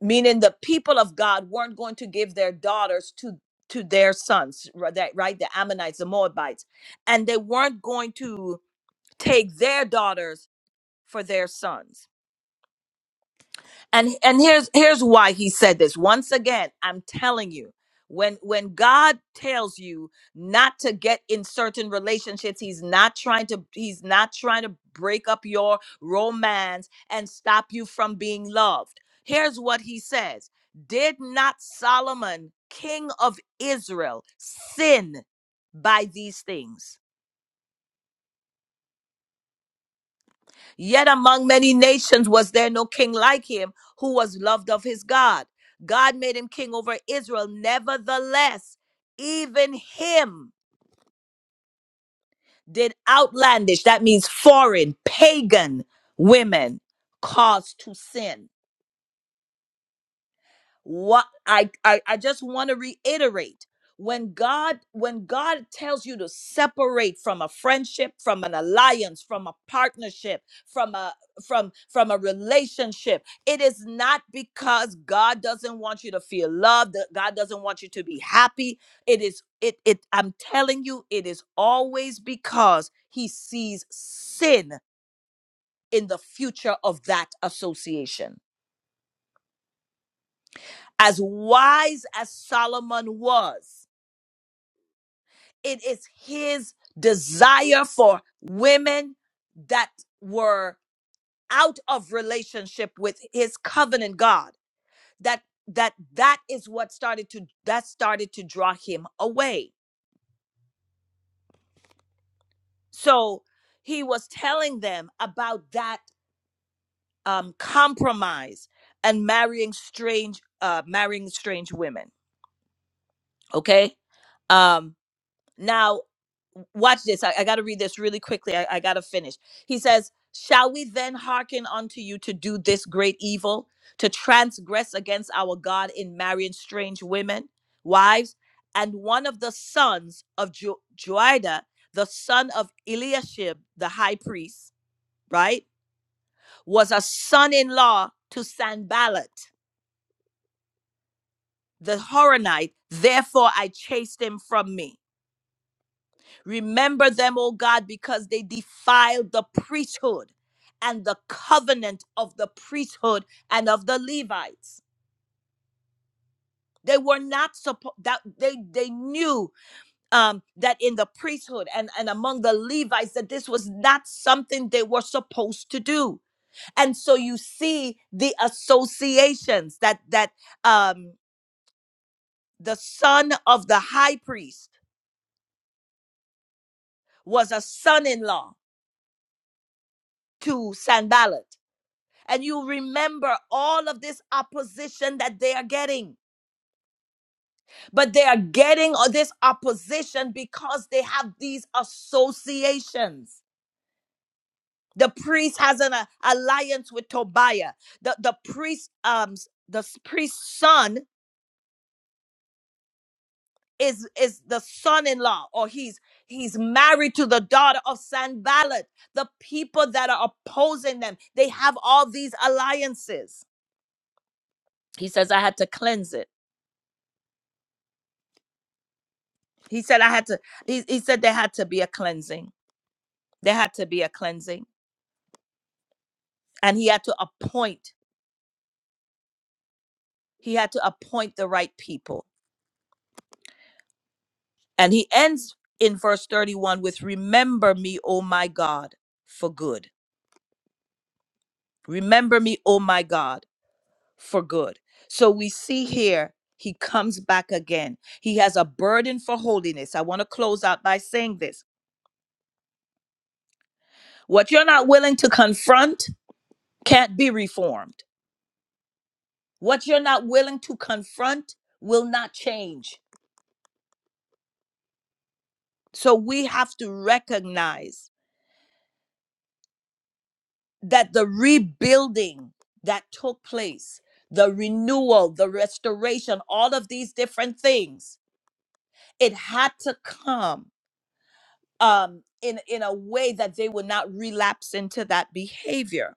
Speaker 2: meaning the people of God weren't going to give their daughters to to their sons, Right? that right? The Ammonites, the Moabites, and they weren't going to take their daughters for their sons and and here's here's why he said this once again i'm telling you when when god tells you not to get in certain relationships he's not trying to he's not trying to break up your romance and stop you from being loved here's what he says did not solomon king of israel sin by these things Yet among many nations was there no king like him who was loved of his God. God made him king over Israel. Nevertheless, even him did outlandish, that means foreign, pagan women cause to sin. what I, I i just want to reiterate when god when god tells you to separate from a friendship from an alliance from a partnership from a from from a relationship it is not because god doesn't want you to feel loved that god doesn't want you to be happy it is it it i'm telling you it is always because he sees sin in the future of that association as wise as solomon was It is his desire for women that were out of relationship with his covenant God that that that is what started to that started to draw him away. So he was telling them about that um, compromise and marrying strange uh, marrying strange women. Okay, um, Now, watch this. I, I got to read this really quickly. I, I got to finish. He says, Shall we then hearken unto you to do this great evil, to transgress against our God in marrying strange women, wives? And one of the sons of jo- Joida, the son of Eliashib, the high priest, right, was a son in law to Sanballat the Horonite. Therefore, I chased him from me. Remember them, O God, because they defiled the priesthood and the covenant of the priesthood and of the Levites. They were not supposed that they they knew um, that in the priesthood and, and among the Levites that this was not something they were supposed to do. And so you see the associations that that um, the son of the high priest was a son-in-law to Sanballat and you remember all of this opposition that they are getting. But they are getting all this opposition because they have these associations. The priest has an uh, alliance with Tobiah. The the priest um s- the s- priest's son is is the son-in-law or he's he's married to the daughter of Sanballat. The people that are opposing them, they have all these alliances. He says I had to cleanse it. He said I had to he, he said there had to be a cleansing. There had to be a cleansing. And he had to appoint, he had to appoint the right people. And he ends in verse 31 with remember me, O my God, for good. Remember me, O my God, for good. So we see here he comes back again. He has a burden for holiness. I want to close out by saying this. What you're not willing to confront can't be reformed What you're not willing to confront will not change. So we have to recognize that the rebuilding that took place, the renewal, the restoration, all of these different things, it had to come um, in, in a way that they would not relapse into that behavior.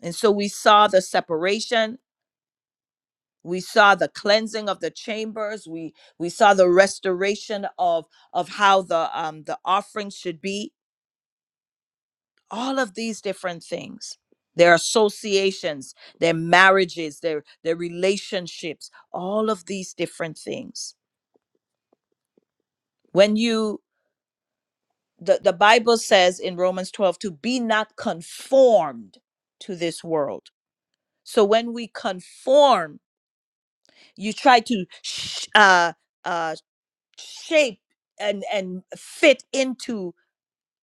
Speaker 2: And so we saw the separation. We saw the cleansing of the chambers. We we saw the restoration of of how the um, the offering should be all of these different things their associations their marriages their their relationships all of these different things when you the, the bible says in romans 12 to be not conformed to this world so when we conform you try to sh- uh, uh, shape and and fit into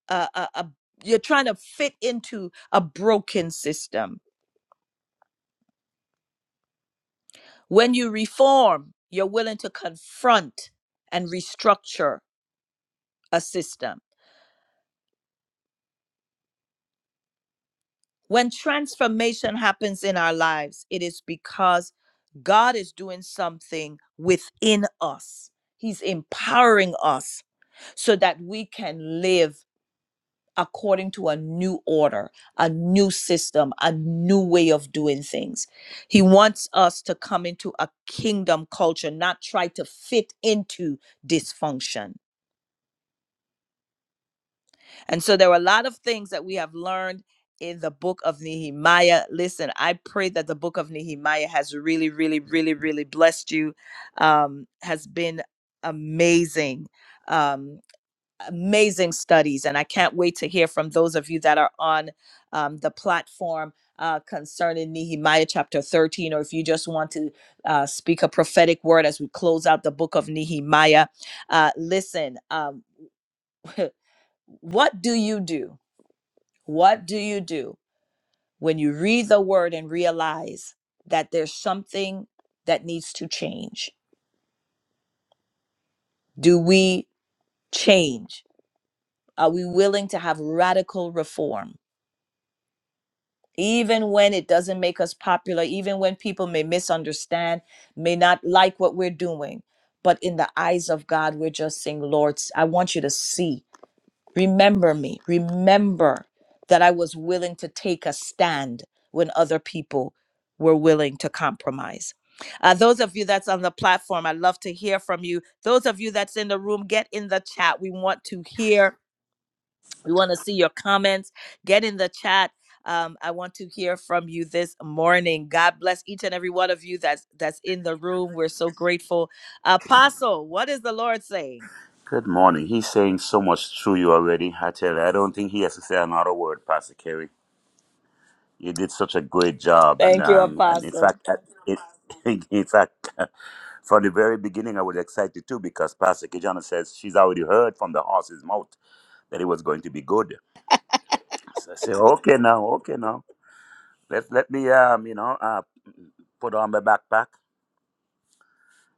Speaker 2: uh, a, a you're trying to fit into a broken system When you reform, you're willing to confront and restructure a system. When transformation happens in our lives, it is because God is doing something within us. He's empowering us so that we can live according to a new order, a new system, a new way of doing things. He wants us to come into a kingdom culture, not try to fit into dysfunction And so there are a lot of things that we have learned in the book of Nehemiah. Listen, I pray that the book of Nehemiah has really, really, really, really blessed you, um, has been amazing. Um, amazing studies and i can't wait to hear from those of you that are on um, the platform uh, concerning nehemiah chapter 13 or if you just want to uh, speak a prophetic word as we close out the book of nehemiah uh, listen um, <laughs> what do you do what do you do when you read the word and realize that there's something that needs to change? Do we change? Are we willing to have radical reform? Even when it doesn't make us popular, even when people may misunderstand, may not like what we're doing. But in the eyes of God, we're just saying, Lord, I want you to see. Remember me. Remember that I was willing to take a stand when other people were willing to compromise. Uh, those of you that's on the platform, I'd love to hear from you. Those of you that's in the room, get in the chat. We want to hear, we want to see your comments. Get in the chat. Um, I want to hear from you this morning. God bless each and every one of you that's that's in the room. We're so grateful. Apostle, what is the Lord saying?
Speaker 3: Good morning. He's saying so much through you already. I tell you, I don't think he has to say another word, Pastor Kerry. You did such a great job, and
Speaker 2: Thank you,
Speaker 3: um, and in
Speaker 2: Apostle.
Speaker 3: fact, at, it, <laughs> in fact, <laughs> from the very beginning, I was excited too because Pastor Kijana says she's already heard from the horse's mouth that it was going to be good. So I say, okay now, okay now, let let me um, you know, uh, put on my backpack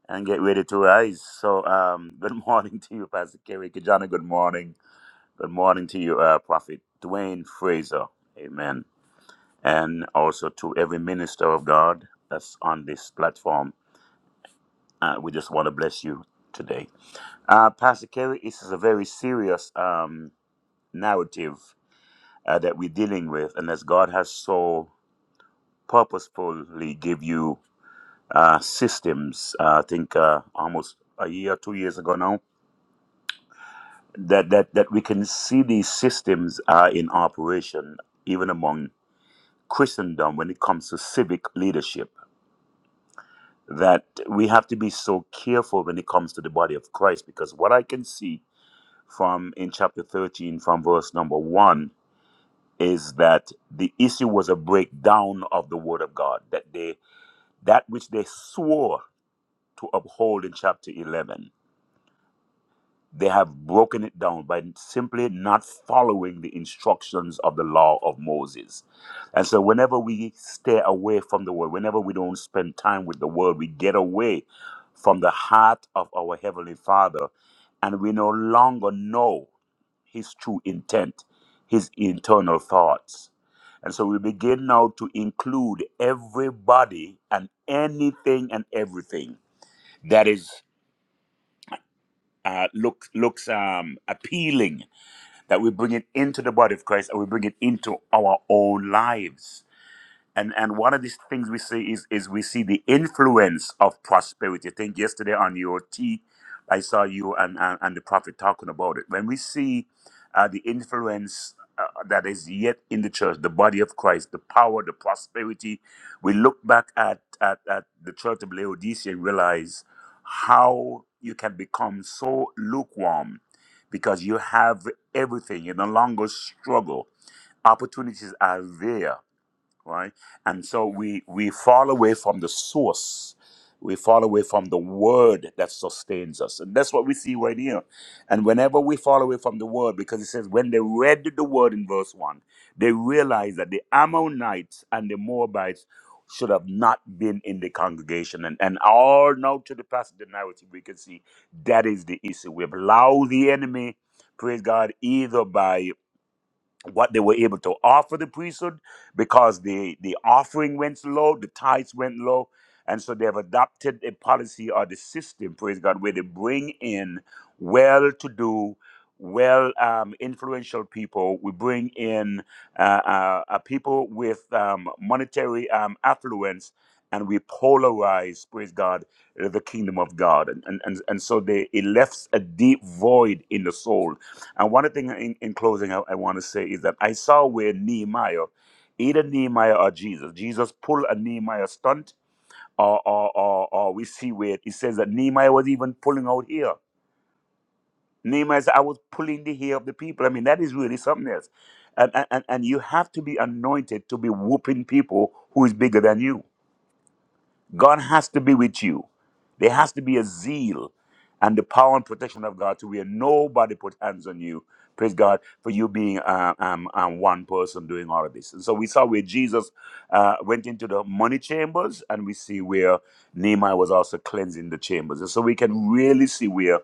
Speaker 3: and get ready to rise. So um, good morning <laughs> to you, Pastor Kerry Kijana. Good morning. Good morning to you, uh, Prophet Dwayne Fraser. Amen. And also to every minister of God that's on this platform. Uh, we just want to bless you today. Uh, Pastor Kerry, this is a very serious um, narrative uh, that we're dealing with, and as God has so purposefully give you uh, systems, uh, I think uh, almost a year, two years ago now, that, that, that we can see these systems are in operation even among Christendom when it comes to civic leadership. That we have to be so careful when it comes to the body of Christ, because what I can see from in chapter 13, from verse number one, is that the issue was a breakdown of the word of God, that they that which they swore to uphold in chapter 11 They have broken it down by simply not following the instructions of the law of Moses. And so, whenever we stay away from the word, whenever we don't spend time with the word, we get away from the heart of our Heavenly Father and we no longer know His true intent, His internal thoughts. And so, we begin now to include everybody and anything and everything that is. Uh, look, looks um, appealing that we bring it into the body of Christ and we bring it into our own lives and and one of these things we see is is we see the influence of prosperity. I think yesterday on your T, I saw you and and, and the prophet talking about it. When we see uh, the influence uh, that is yet in the church, the body of Christ, the power, the prosperity, we look back at at, at the church of Laodicea and realize how you can become so lukewarm because you have everything. You no longer struggle opportunities are there right? And so we we fall away from the source. We fall away from the word that sustains us. And that's what we see right here. And whenever we fall away from the word, because it says, when they read the word in verse 1, they realized that the Ammonites and the Moabites should have not been in the congregation. And, and all now to the passage of the narrative, we can see that is the issue. We've allowed the enemy, praise God, either by what they were able to offer the priesthood because the the offering went low, the tithes went low, and so they have adopted a policy or the system, praise God, where they bring in well-to-do, well um, influential people. We bring in uh, uh, uh, people with um, monetary um, affluence. And we polarize, praise God, uh, the kingdom of God. And, and, and, and so they, it left a deep void in the soul and one thing in, in closing I, I want to say is that I saw where Nehemiah, either Nehemiah or Jesus, Jesus pulled a Nehemiah stunt, or, or, or, or we see where it says that Nehemiah was even pulling out hair. Nehemiah said, I was pulling the hair of the people. I mean, that is really something else. And, and, and and you have to be anointed to be whooping people who is bigger than you. God has to be with you. There has to be a zeal and the power and protection of God to where nobody put hands on you. Praise God for you being uh, um, um, one person doing all of this. And so we saw where Jesus uh, went into the money chambers, and we see where Nehemiah was also cleansing the chambers. And so we can really see where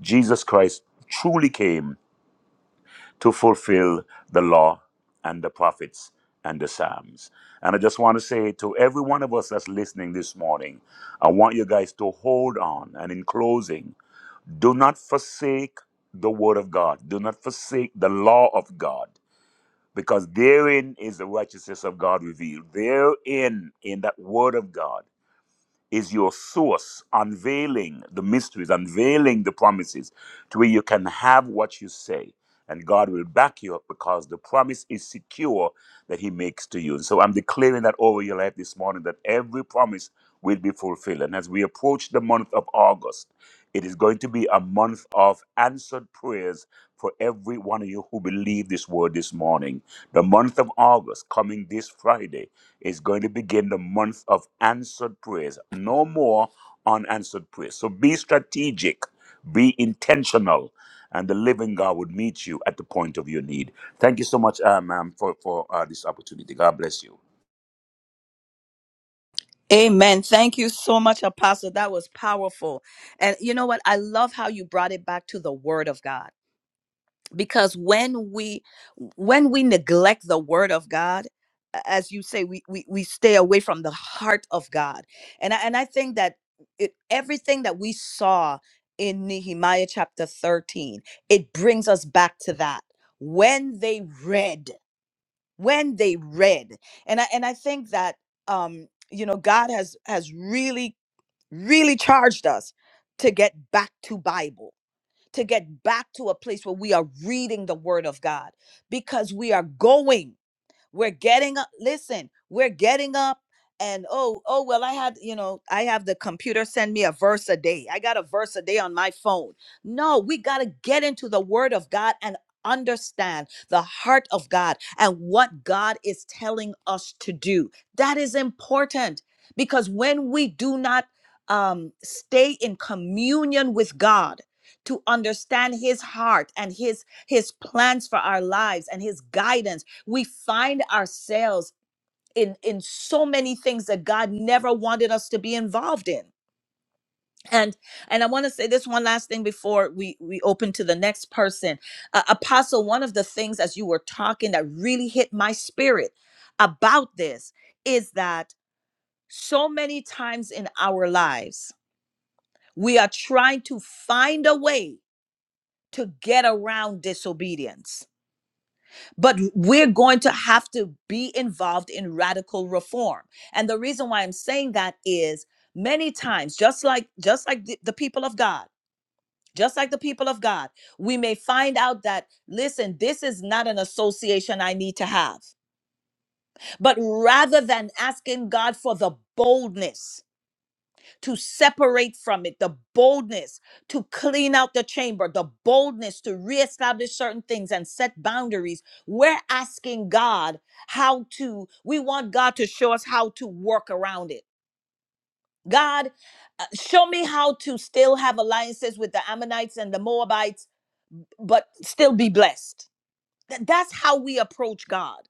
Speaker 3: Jesus Christ truly came to fulfill the law and the prophets and the Psalms. And I just want to say to every one of us that's listening this morning, I want you guys to hold on. And in closing, do not forsake the word of God, do not forsake the law of God. Because therein is the righteousness of God revealed. Therein, in that word of God, is your source, unveiling the mysteries, unveiling the promises, to where you can have what you say and God will back you up because the promise is secure that He makes to you. And so I'm declaring that over your life this morning that every promise will be fulfilled. And as we approach the month of August, it is going to be a month of answered prayers for every one of you who believe this word this morning. The month of August, coming this Friday, is going to begin the month of answered prayers. No more unanswered prayers. So be strategic be intentional, and the living God would meet you at the point of your need. Thank you so much, uh, ma'am, for, for uh, this opportunity. God bless you.
Speaker 2: Amen. Thank you so much, Apostle. That was powerful. And you know what? I love how you brought it back to the word of God. Because when we when we neglect the word of God, a- as you say, we we, we stay away from the heart of God. And I and I think that it, everything that we saw in Nehemiah chapter 13, it brings us back to that. When they read when they read and i and i think that um you know god has has really really charged us to get back to bible to get back to a place where we are reading the word of god because we are going we're getting up. Listen, we're getting up and oh, oh, well, I had, you know, I have the computer send me a verse a day. I got a verse a day on my phone. No, we got to get into the word of God and understand the heart of God and what God is telling us to do. That is important because when we do not um, stay in communion with God, to understand his heart and his his plans for our lives and his guidance we find ourselves in in so many things that God never wanted us to be involved in. And and I want to say this one last thing before we we open to the next person. Uh, Apostle, one of the things as you were talking that really hit my spirit about this is that so many times in our lives we are trying to find a way to get around disobedience but we're going to have to be involved in radical reform and the reason why i'm saying that is many times just like just like the, the people of god just like the people of god we may find out that listen this is not an association i need to have but rather than asking god for the boldness to separate from it, the boldness to clean out the chamber, the boldness to reestablish certain things and set boundaries. We're asking God how to, we want God to show us how to work around it. God, uh, show me how to still have alliances with the Ammonites and the Moabites, but still be blessed. Th- That's how we approach God.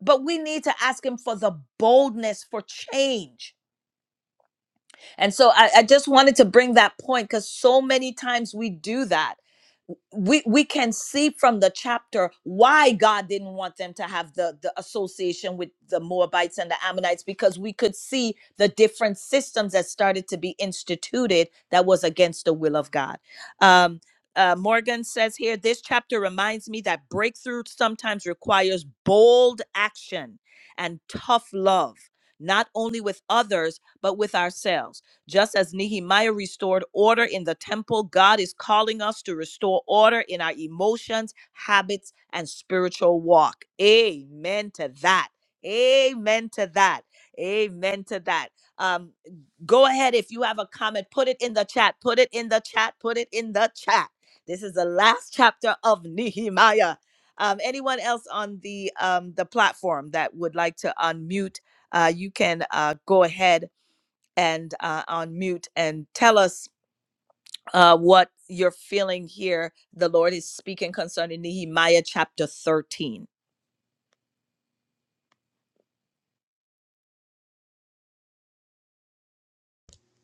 Speaker 2: But we need to ask Him for the boldness for change And so I, I just wanted to bring that point because so many times we do that we we can see from the chapter why God didn't want them to have the the association with the Moabites and the Ammonites because we could see the different systems that started to be instituted that was against the will of God. Um, uh, Morgan says here, this chapter reminds me that breakthrough sometimes requires bold action and tough love, not only with others but with ourselves. Just as Nehemiah restored order in the temple, God is calling us to restore order in our emotions, habits, and spiritual walk. Amen to that. Amen to that. Amen to that. Um, go ahead if you have a comment, put it in the chat. Put it in the chat. Put it in the chat. This is the last chapter of Nehemiah. Um, anyone else on the um, the platform that would like to unmute, uh, you can uh, go ahead and uh, on mute and tell us uh, what you're feeling here. The Lord is speaking concerning Nehemiah chapter 13.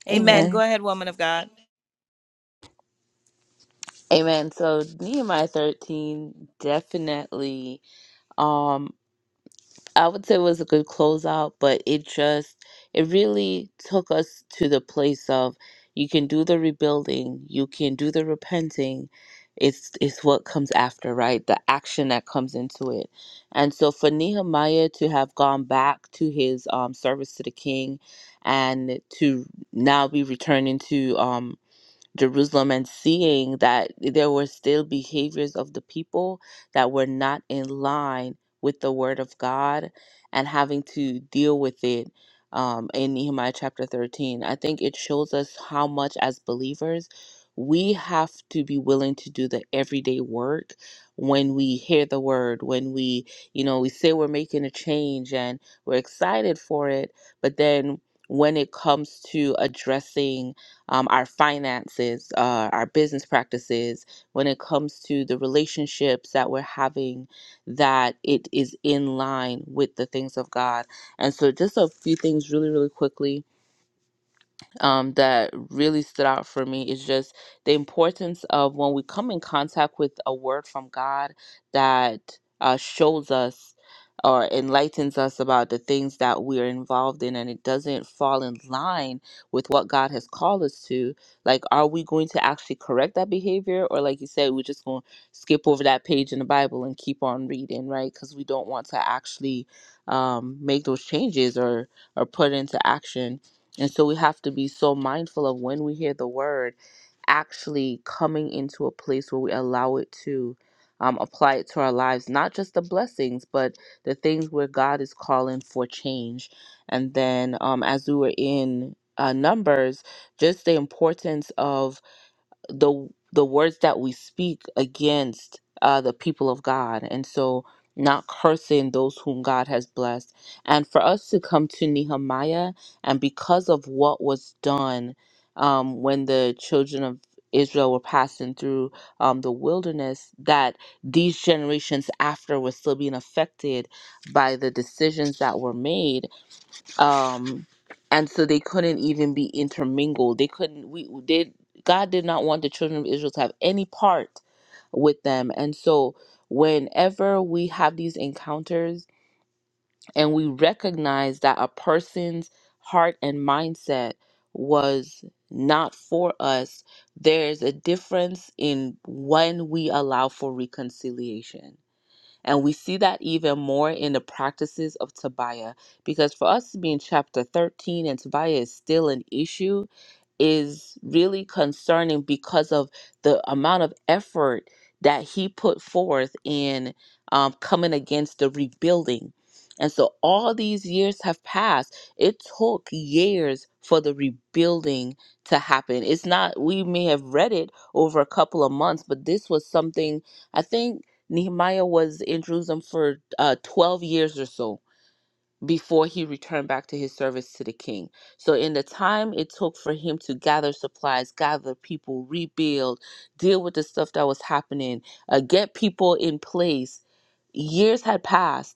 Speaker 2: Amen. Go
Speaker 1: Amen.
Speaker 2: ahead, woman of God.
Speaker 1: Amen. So Nehemiah 13 definitely. um, I would say it was a good closeout, but it just it really took us to the place of you can do the rebuilding, you can do the repenting. It's it's what comes after, right? The action that comes into it. And so for Nehemiah to have gone back to his um service to the king and to now be returning to um Jerusalem and seeing that there were still behaviors of the people that were not in line with the word of God and having to deal with it um, in Nehemiah chapter 13. I think it shows us how much as believers we have to be willing to do the everyday work when we hear the word, when we, you know, we say we're making a change and we're excited for it, but then when it comes to addressing um, our finances, uh, our business practices, when it comes to the relationships that we're having, that it is in line with the things of God. And so, just a few things really, really quickly um, that really stood out for me is just the importance of when we come in contact with a word from God that uh, shows us or enlightens us about the things that we're involved in and it doesn't fall in line with what God has called us to. Like, are we going to actually correct that behavior? Or, like you said, we're just going to skip over that page in the Bible and keep on reading, right? Because we don't want to actually um, make those changes or, or put into action. And so we have to be so mindful of when we hear the word actually coming into a place where we allow it to um, apply it to our lives, not just the blessings, but the things where God is calling for change. And then um, as we were in uh, Numbers, just the importance of the the words that we speak against uh, the people of God, and so not cursing those whom God has blessed, and for us to come to Nehemiah, and because of what was done um, when the children of Israel were passing through um, the wilderness, that these generations after were still being affected by the decisions that were made um and so they couldn't even be intermingled they couldn't we did god did not want the children of israel to have any part with them and so whenever we have these encounters and we recognize that a person's heart and mindset was not for us there's a difference in when we allow for reconciliation and we see that even more in the practices of Tobiah, because for us to be in chapter 13 and Tobiah is still an issue, is really concerning because of the amount of effort that he put forth in um, coming against the rebuilding. And so all these years have passed. It took years for the rebuilding to happen. It's not, we may have read it over a couple of months, but this was something, I think Nehemiah was in Jerusalem for uh, 12 years or so before he returned back to his service to the king. So, in the time it took for him to gather supplies, gather people, rebuild, deal with the stuff that was happening, uh, get people in place, years had passed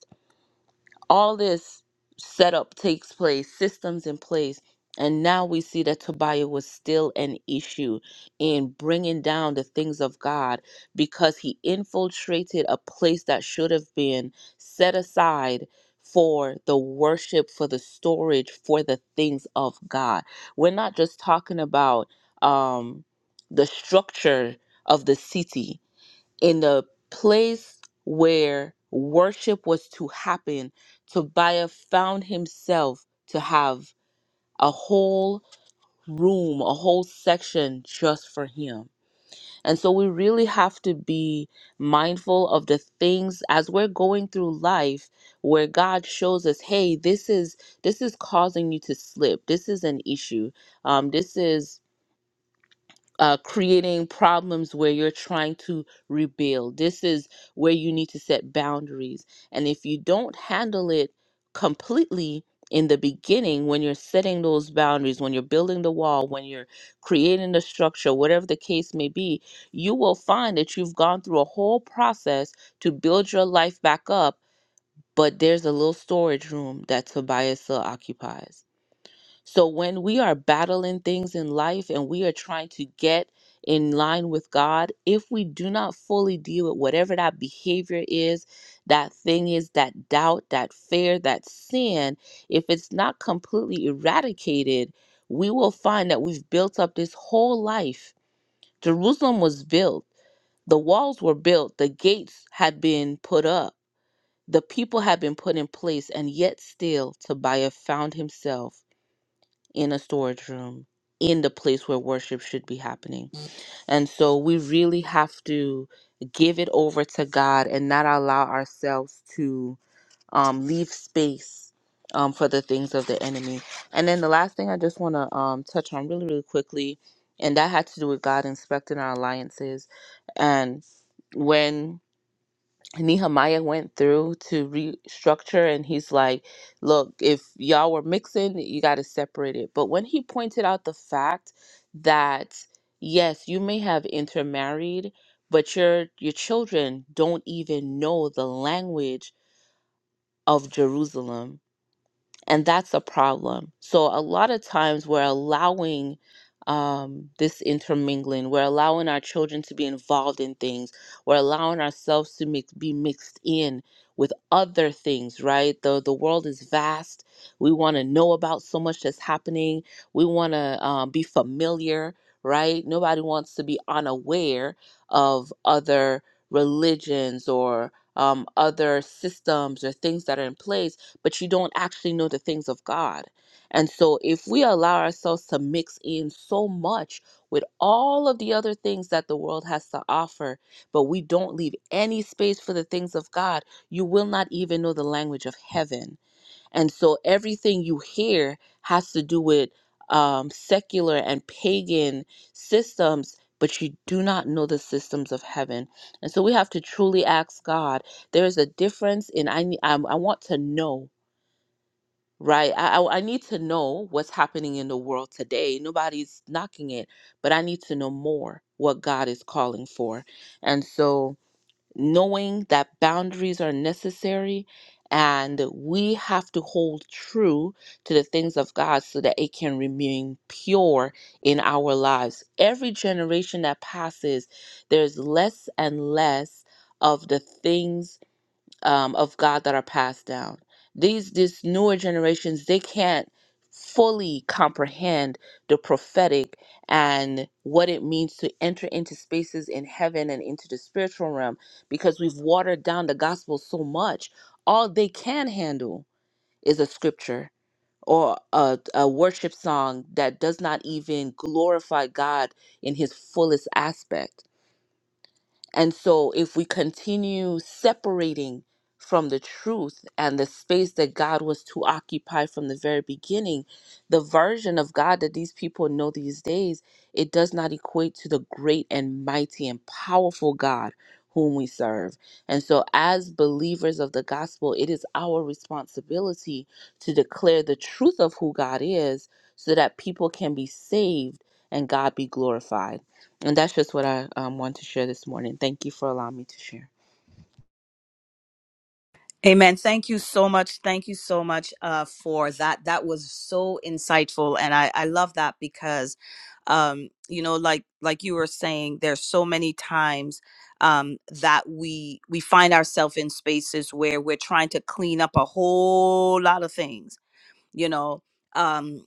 Speaker 1: all this setup takes place, systems in place, and now we see that Tobiah was still an issue in bringing down the things of God because he infiltrated a place that should have been set aside for the worship, for the storage, for the things of God. We're not just talking about um, the structure of the city in the place where worship was to happen, Tobiah found himself to have a whole room, a whole section just for him. And so we really have to be mindful of the things as we're going through life where God shows us, hey, this is this is causing you to slip. This is an issue. Um, this is uh, creating problems where you're trying to rebuild. This is where you need to set boundaries. And if you don't handle it completely in the beginning, when you're setting those boundaries, when you're building the wall, when you're creating the structure, whatever the case may be, you will find that you've gone through a whole process to build your life back up, but there's a little storage room that Tobias still occupies so when we are battling things in life and we are trying to get in line with God, if we do not fully deal with whatever that behavior is, that thing is, that doubt, that fear, that sin, if it's not completely eradicated, we will find that we've built up this whole life. Jerusalem was built, the walls were built, the gates had been put up, the people had been put in place, and yet still Tobiah found himself in a storage room in the place where worship should be happening. And so we really have to give it over to God and not allow ourselves to um, leave space um, for the things of the enemy. And then the last thing I just want to um, touch on really, really quickly, and that had to do with God inspecting our alliances. And when Nehemiah went through to restructure, and he's like, Look, if y'all were mixing, you got to separate it. But when he pointed out the fact that, yes, you may have intermarried, but your, your children don't even know the language of Jerusalem and that's a problem. So a lot of times we're allowing um, this intermingling. We're allowing our children to be involved in things. We're allowing ourselves to mix, be mixed in with other things. Right? the The world is vast. We want to know about so much that's happening. We want to um, be familiar. Right? Nobody wants to be unaware of other religions or um, other systems or things that are in place but you don't actually know the things of God. And so, if we allow ourselves to mix in so much with all of the other things that the world has to offer, but we don't leave any space for the things of God, you will not even know the language of heaven. And so, everything you hear has to do with um, secular and pagan systems, but you do not know the systems of heaven. And so, we have to truly ask God. There is a difference in I, ne- I'm- I want to know Right. I, I I need to know what's happening in the world today. Nobody's knocking it, but I need to know more what God is calling for. And so knowing that boundaries are necessary and we have to hold true to the things of God so that it can remain pure in our lives. Every generation that passes, there's less and less of the things um, of God that are passed down. These these newer generations they can't fully comprehend the prophetic and what it means to enter into spaces in heaven and into the spiritual realm because we've watered down the gospel so much. All they can handle is a scripture or a, a worship song that does not even glorify God in his fullest aspect and so, if we continue separating from the truth and the space that God was to occupy from the very beginning, the version of God that these people know these days, it does not equate to the great and mighty and powerful God whom we serve. And so, as believers of the gospel, it is our responsibility to declare the truth of who God is so that people can be saved and God be glorified. And that's just what I um, want to share this morning. Thank you for allowing me to share.
Speaker 2: Amen. Thank you so much. Thank you so much uh, for that. That was so insightful, and I, I love that because, um, you know, like like you were saying, there's so many times um, that we we find ourselves in spaces where we're trying to clean up a whole lot of things, you know um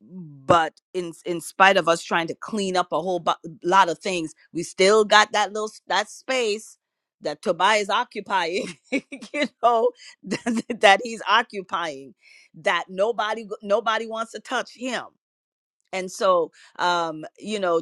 Speaker 2: but in in spite of us trying to clean up a whole bu- lot of things we still got that little s- that space that Tobiah is occupying <laughs> you know <laughs> that, that he's occupying that nobody nobody wants to touch him and so um you know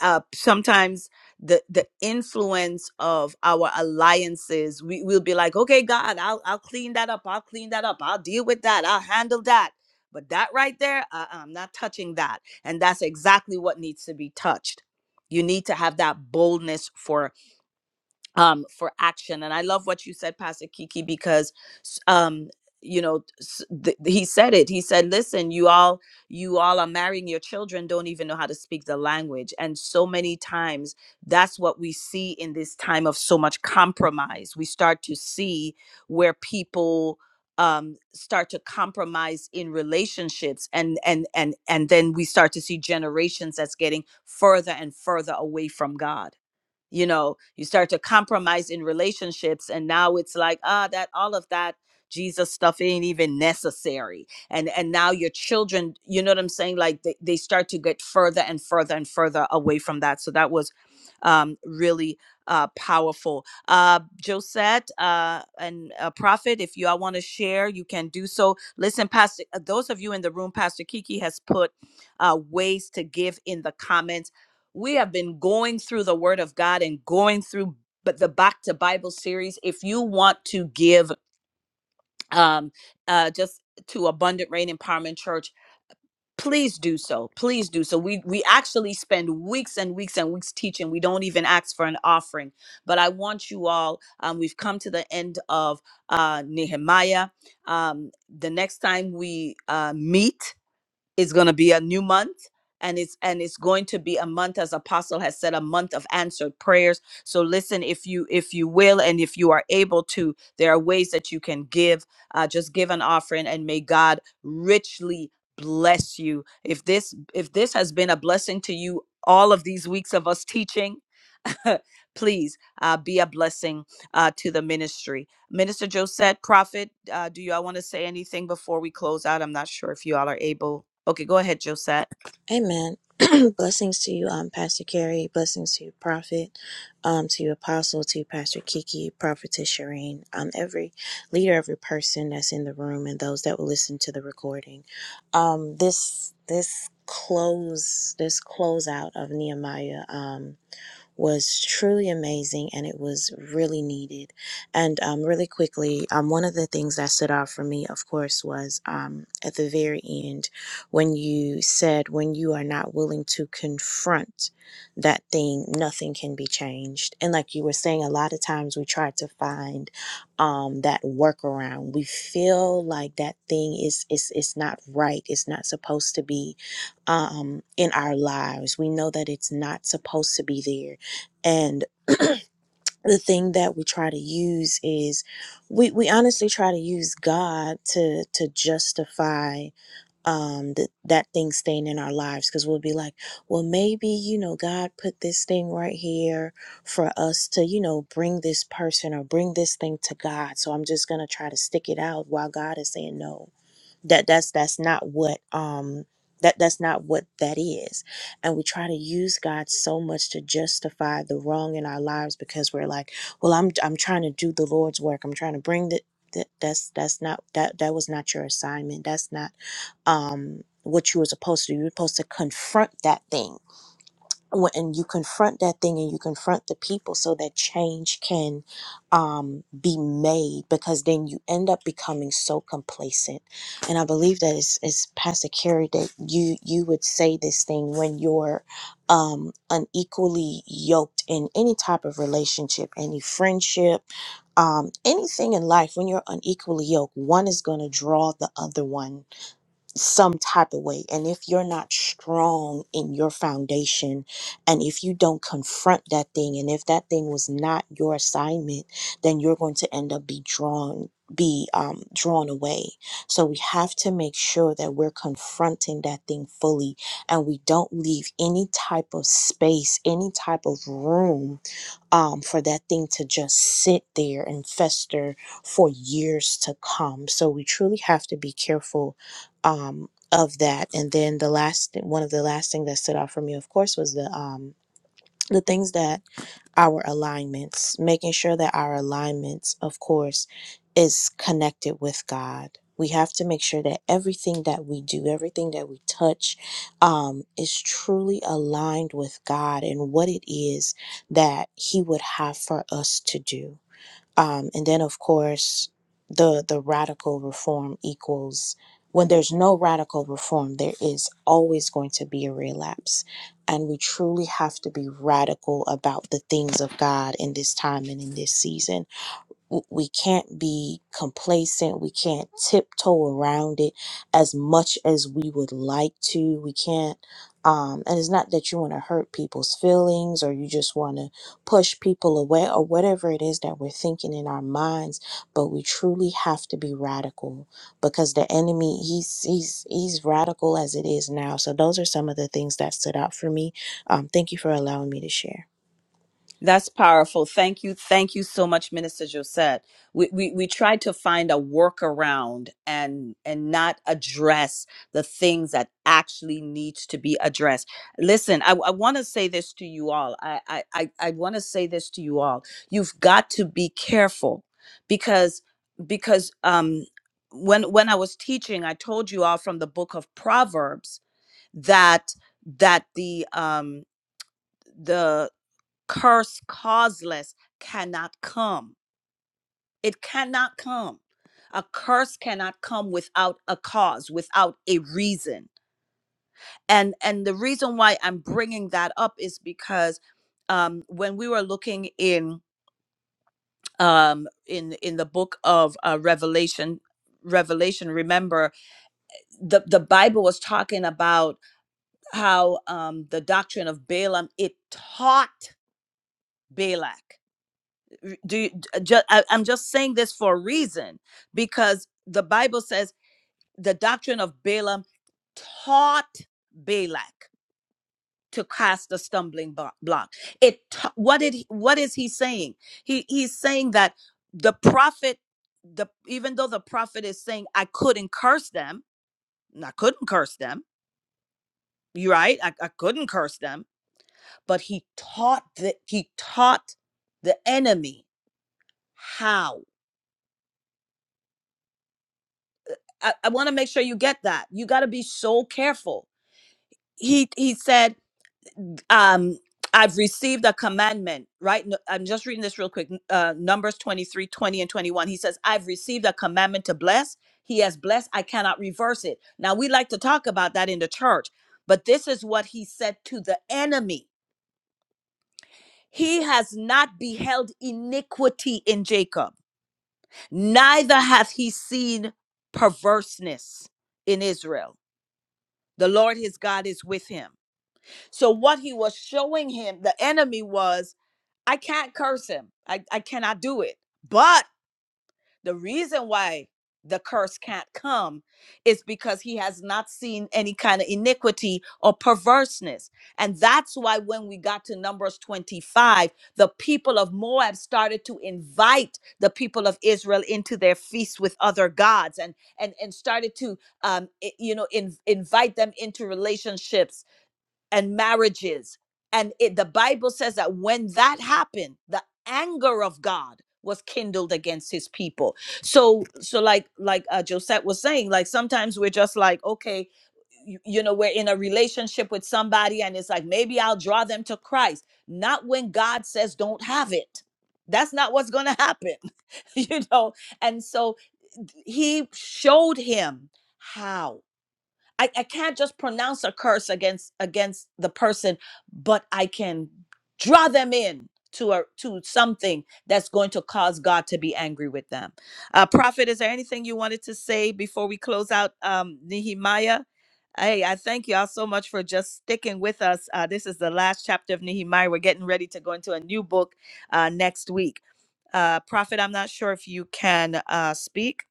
Speaker 2: uh, sometimes the the influence of our alliances we will be like okay god i'll i'll clean that up i'll clean that up i'll deal with that i'll handle that but that right there uh, uh, i'm not touching that and that's exactly what needs to be touched you need to have that boldness for um, for action. And I love what you said, Pastor Kiki, because um, you know s- th- he said it. He said, "Listen, you all, you all are marrying your children. Don't even know how to speak the language." And so many times, that's what we see in this time of so much compromise. We start to see where people um start to compromise in relationships and and and and then we start to see generations that's getting further and further away from god you know you start to compromise in relationships and now it's like ah that all of that jesus stuff ain't even necessary and and now your children you know what i'm saying like they, they start to get further and further and further away from that so that was um really uh powerful uh josette uh and uh, prophet if you all want to share you can do so listen pastor uh, those of you in the room pastor kiki has put uh ways to give in the comments we have been going through the word of god and going through but the back to bible series if you want to give um uh just to abundant rain empowerment church please do so please do so we we actually spend weeks and weeks and weeks teaching we don't even ask for an offering but i want you all um, we've come to the end of uh nehemiah um the next time we uh meet it's going to be a new month and it's and it's going to be a month as apostle has said a month of answered prayers so listen if you if you will and if you are able to there are ways that you can give uh, just give an offering and may god richly bless you if this if this has been a blessing to you all of these weeks of us teaching <laughs> please uh, be a blessing uh, to the ministry Minister Josette, Prophet, uh, do you all want to say anything before we close out? I'm not sure if you all are able. Okay, go ahead, Josette.
Speaker 4: Amen. <clears throat> blessings to you, um, Pastor Carrie. Blessings to you, Prophet. Um, to you, Apostle. To you, Pastor Kiki, Prophetess Shireen. Um, every leader, every person that's in the room, and those that will listen to the recording. Um, this this close this closeout of Nehemiah. Um, was truly amazing and it was really needed. And um, really quickly, um, one of the things that stood out for me, of course, was um, at the very end when you said, when you are not willing to confront that thing, nothing can be changed. And like you were saying, a lot of times we try to find um, that workaround. We feel like that thing is, is, is not right, it's not supposed to be um, in our lives. We know that it's not supposed to be there. And the thing that we try to use is we, we honestly try to use God to to justify um th- that thing staying in our lives because we'll be like, well, maybe, you know, God put this thing right here for us to, you know, bring this person or bring this thing to God. So I'm just going to try to stick it out while God is saying no that that's that's not what um that that's not what that is and we try to use god so much to justify the wrong in our lives because we're like well i'm i'm trying to do the lord's work i'm trying to bring the that that's that's not that that was not your assignment that's not um what you were supposed to do you're supposed to confront that thing when and you confront that thing and you confront the people so that change can um, be made because then you end up becoming so complacent and i believe that it's, it's pastor Carrie that you you would say this thing when you're um, unequally yoked in any type of relationship any friendship um, anything in life when you're unequally yoked one is going to draw the other one some type of way. And if you're not strong in your foundation, and if you don't confront that thing, and if that thing was not your assignment, then you're going to end up be drawn be um drawn away so we have to make sure that we're confronting that thing fully and we don't leave any type of space any type of room um, for that thing to just sit there and fester for years to come. So we truly have to be careful um, of that. And then the last, one of the last thing that stood out for me, of course, was the um, the things that our alignments, making sure that our alignments, of course, is connected with God. We have to make sure that everything that we do, everything that we touch, um, is truly aligned with God and what it is that He would have for us to do. Um, and then, of course, the the radical reform equals when there's no radical reform, there is always going to be a relapse, and we truly have to be radical about the things of God in this time and in this season w- we can't be complacent. We can't tiptoe around it as much as we would like to. We can't, um, and it's not that you want to hurt people's feelings or you just want to push people away or whatever it is that we're thinking in our minds, but we truly have to be radical because the enemy, he's, he's, he's radical as it is now. So those are some of the things that stood out for me. Um, thank you for allowing me to share.
Speaker 2: That's powerful. Thank you. Thank you so much, Minister Josette. We, we we tried to find a workaround and and not address the things that actually needs to be addressed. Listen, I, I want to say this to you all. I I, I, I want to say this to you all. You've got to be careful because because um when when I was teaching, I told you all from the book of Proverbs that that the um curse causeless cannot come. It cannot come. A curse cannot come without a cause, without a reason. And and the reason why I'm bringing that up is because um, when we were looking in um, in in the book of uh, Revelation, Revelation, remember the the Bible was talking about how um, the doctrine of Balaam it taught Balak r- do you, just I, i'm just saying this for a reason because the bible says the doctrine of balaam taught balak to cast a stumbling bo- block it ta- what did he- what is he saying he he's saying that the prophet the even though the prophet is saying i couldn't curse them and i couldn't curse them you right I, I couldn't curse them but he taught the, he taught the enemy how. I, I want to make sure you get that. You got to be so careful. He he said, um, I've received a commandment, right? No- I'm just reading this real quick. N- Uh, Numbers 23, 20 and 21. He says, I've received a commandment to bless. He has blessed. I cannot reverse it. Now, we like to talk about that in the church, but this is what he said to the enemy. He has not beheld iniquity in Jacob, neither hath he seen perverseness in Israel. The Lord his God is with him. So what he was showing him, the enemy was, I can't curse him. I, I cannot do it. But the reason why the curse can't come is because he has not seen any kind of iniquity or perverseness. And that's why when we got to Numbers 25, the people of Moab started to invite the people of Israel into their feasts with other gods and and and started to um i- you know in, invite them into relationships and marriages. And it, the Bible says that when that happened, the anger of God was kindled against his people. So, so like like uh, Josette was saying, like sometimes we're just like, okay, you, you know, we're in a relationship with somebody, and it's like maybe I'll draw them to Christ. Not when God says don't have it. That's not what's going to happen, <laughs> you know. And so he showed him how. I, I can't just pronounce a curse against against the person, but I can draw them in to a to something that's going to cause God to be angry with them. Uh, Prophet, is there anything you wanted to say before we close out um, Nehemiah? Hey, I thank y'all so much for just sticking with us. Uh, this is the last chapter of Nehemiah. We're getting ready to go into a new book uh, next week. Uh, Prophet, I'm not sure if you can uh, speak.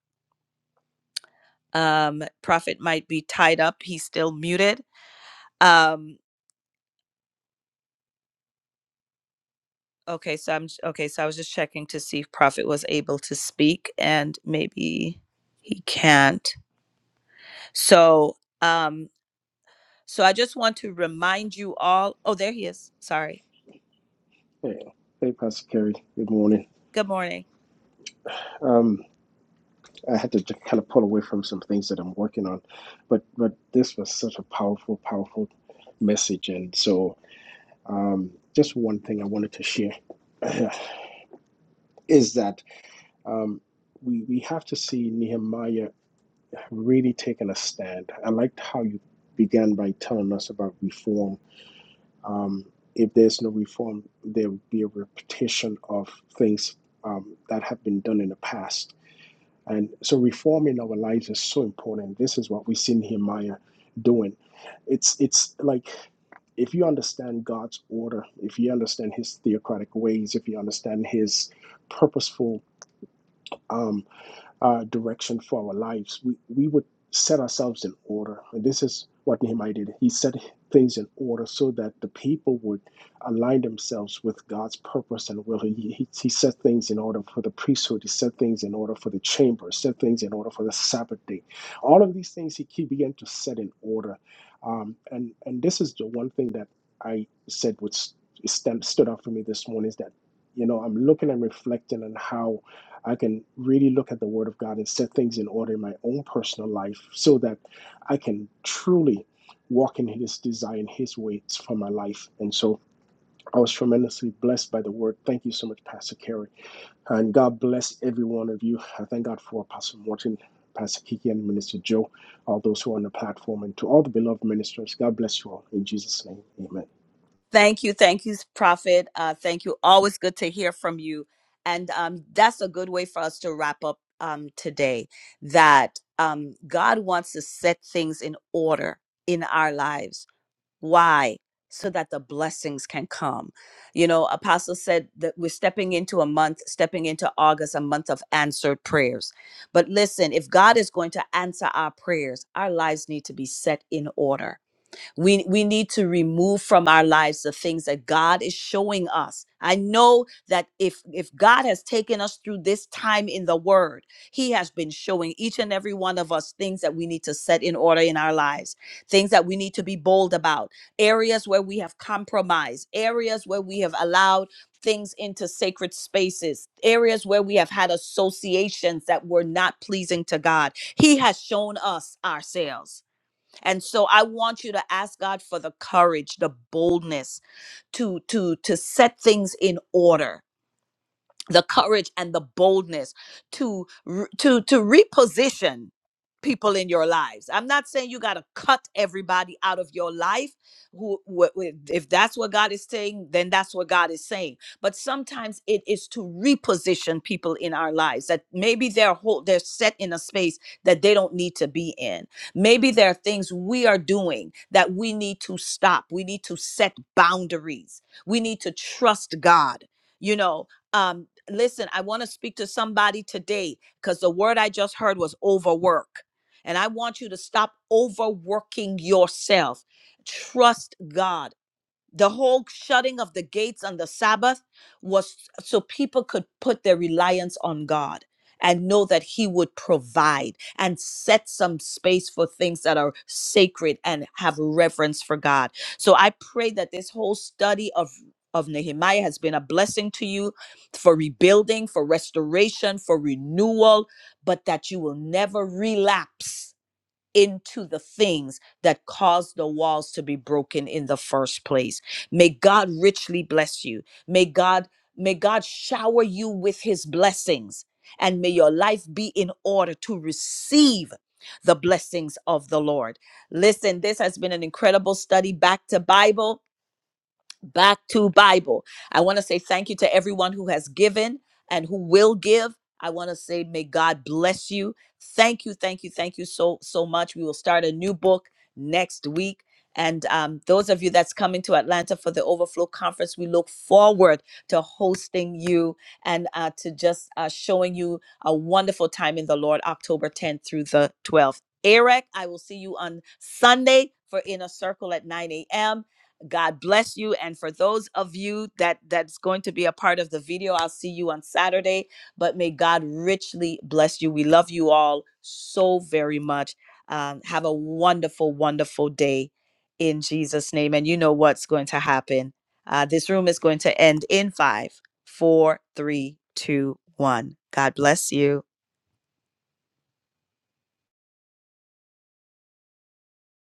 Speaker 2: Um, Prophet might be tied up. He's still muted. Um, okay, so I'm okay. So I was just checking to see if Prophet was able to speak, and maybe he can't. So, um, so I just want to remind you all. Oh, there he is. Sorry.
Speaker 5: Hey, hey, Pastor Kerry. Good morning.
Speaker 2: Good morning.
Speaker 5: Um, I had to just kind of pull away from some things that I'm working on, but but this was such a powerful, powerful message, and so um, just one thing I wanted to share <clears throat> is that um, we we have to see Nehemiah really taking a stand. I liked how you began by telling us about reform. Um, if there's no reform, there will be a repetition of things um, that have been done in the past And so reforming our lives is so important. This is what we see Nehemiah doing. It's it's like if you understand God's order, if you understand his theocratic ways, if you understand his purposeful um, uh, direction for our lives, we, we would set ourselves in order. And this is what Nehemiah did. He set things in order so that the people would align themselves with God's purpose and will. He, he, he set things in order for the priesthood. He set things in order for the chamber. Set things in order for the Sabbath day. All of these things he, he began to set in order. Um, and and this is the one thing that I said which stand, stood out for me this morning is that you know I'm looking and reflecting on how I can really look at the Word of God and set things in order in my own personal life so that I can truly walk in His design, His ways for my life. And so I was tremendously blessed by the Word. Thank you so much, Pastor Kerry. And God bless every one of you. I thank God for Pastor Morton. Pastor Kiki and Minister Joe, all those who are on the platform, and to all the beloved ministers, God bless you all. In Jesus' name, amen.
Speaker 2: Thank you, thank you, Prophet. Uh, thank you. Always good to hear from you, and um, that's a good way for us to wrap up um, today. That um, God wants to set things in order in our lives Why? So that the blessings can come. You know, Apostle said that we're stepping into a month, stepping into August, a month of answered prayers. But listen, if God is going to answer our prayers, our lives need to be set in order we we need to remove from our lives the things that God is showing us. I know that if if God has taken us through this time in the word, he has been showing each and every one of us things that we need to set in order in our lives, things that we need to be bold about, areas where we have compromised, areas where we have allowed things into sacred spaces, areas where we have had associations that were not pleasing to God. He has shown us ourselves. And so I want you to ask God for the courage, the boldness to to to set things in order the courage and the boldness to re- to to reposition people in your lives. I'm not saying you got to cut everybody out of your life who wh- wh- if that's what God is saying, then that's what God is saying. But sometimes it is to reposition people in our lives that maybe they're whole, they're set in a space that they don't need to be in. Maybe there are things we are doing that we need to stop. We need to set boundaries. We need to trust God. You know, um listen i want to speak to somebody today because the word i just heard was overwork and i want you to stop overworking yourself trust god the whole shutting of the gates on the Sabbath was so people could put their reliance on God and know that He would provide and set some space for things that are sacred and have reverence for God. So I pray that this whole study of of Nehemiah has been a blessing to you for rebuilding, for restoration, for renewal, but that you will never relapse into the things that caused the walls to be broken in the first place. May God richly bless you. May God may God shower you with his blessings and may your life be in order to receive the blessings of the Lord. Listen, this has been an incredible study back to Bible back to Bible. I want to say thank you to everyone who has given and who will give. I want to say may God bless you. Thank you, thank you, thank you so so much. We will start a new book next week. And um, those of you that's coming to Atlanta for the Overflow Conference, we look forward to hosting you and uh, to just uh, showing you a wonderful time in the Lord, October 10th through the 12th. Eric, I will see you on Sunday for Inner Circle at 9 a.m. God bless you. And for those of you that that's going to be a part of the video, I'll see you on Saturday. But may God richly bless you. We love you all so very much. Um, have a wonderful, wonderful day in Jesus' name. And you know what's going to happen. Uh, this room is going to end in five, four, three, two, one. God bless you.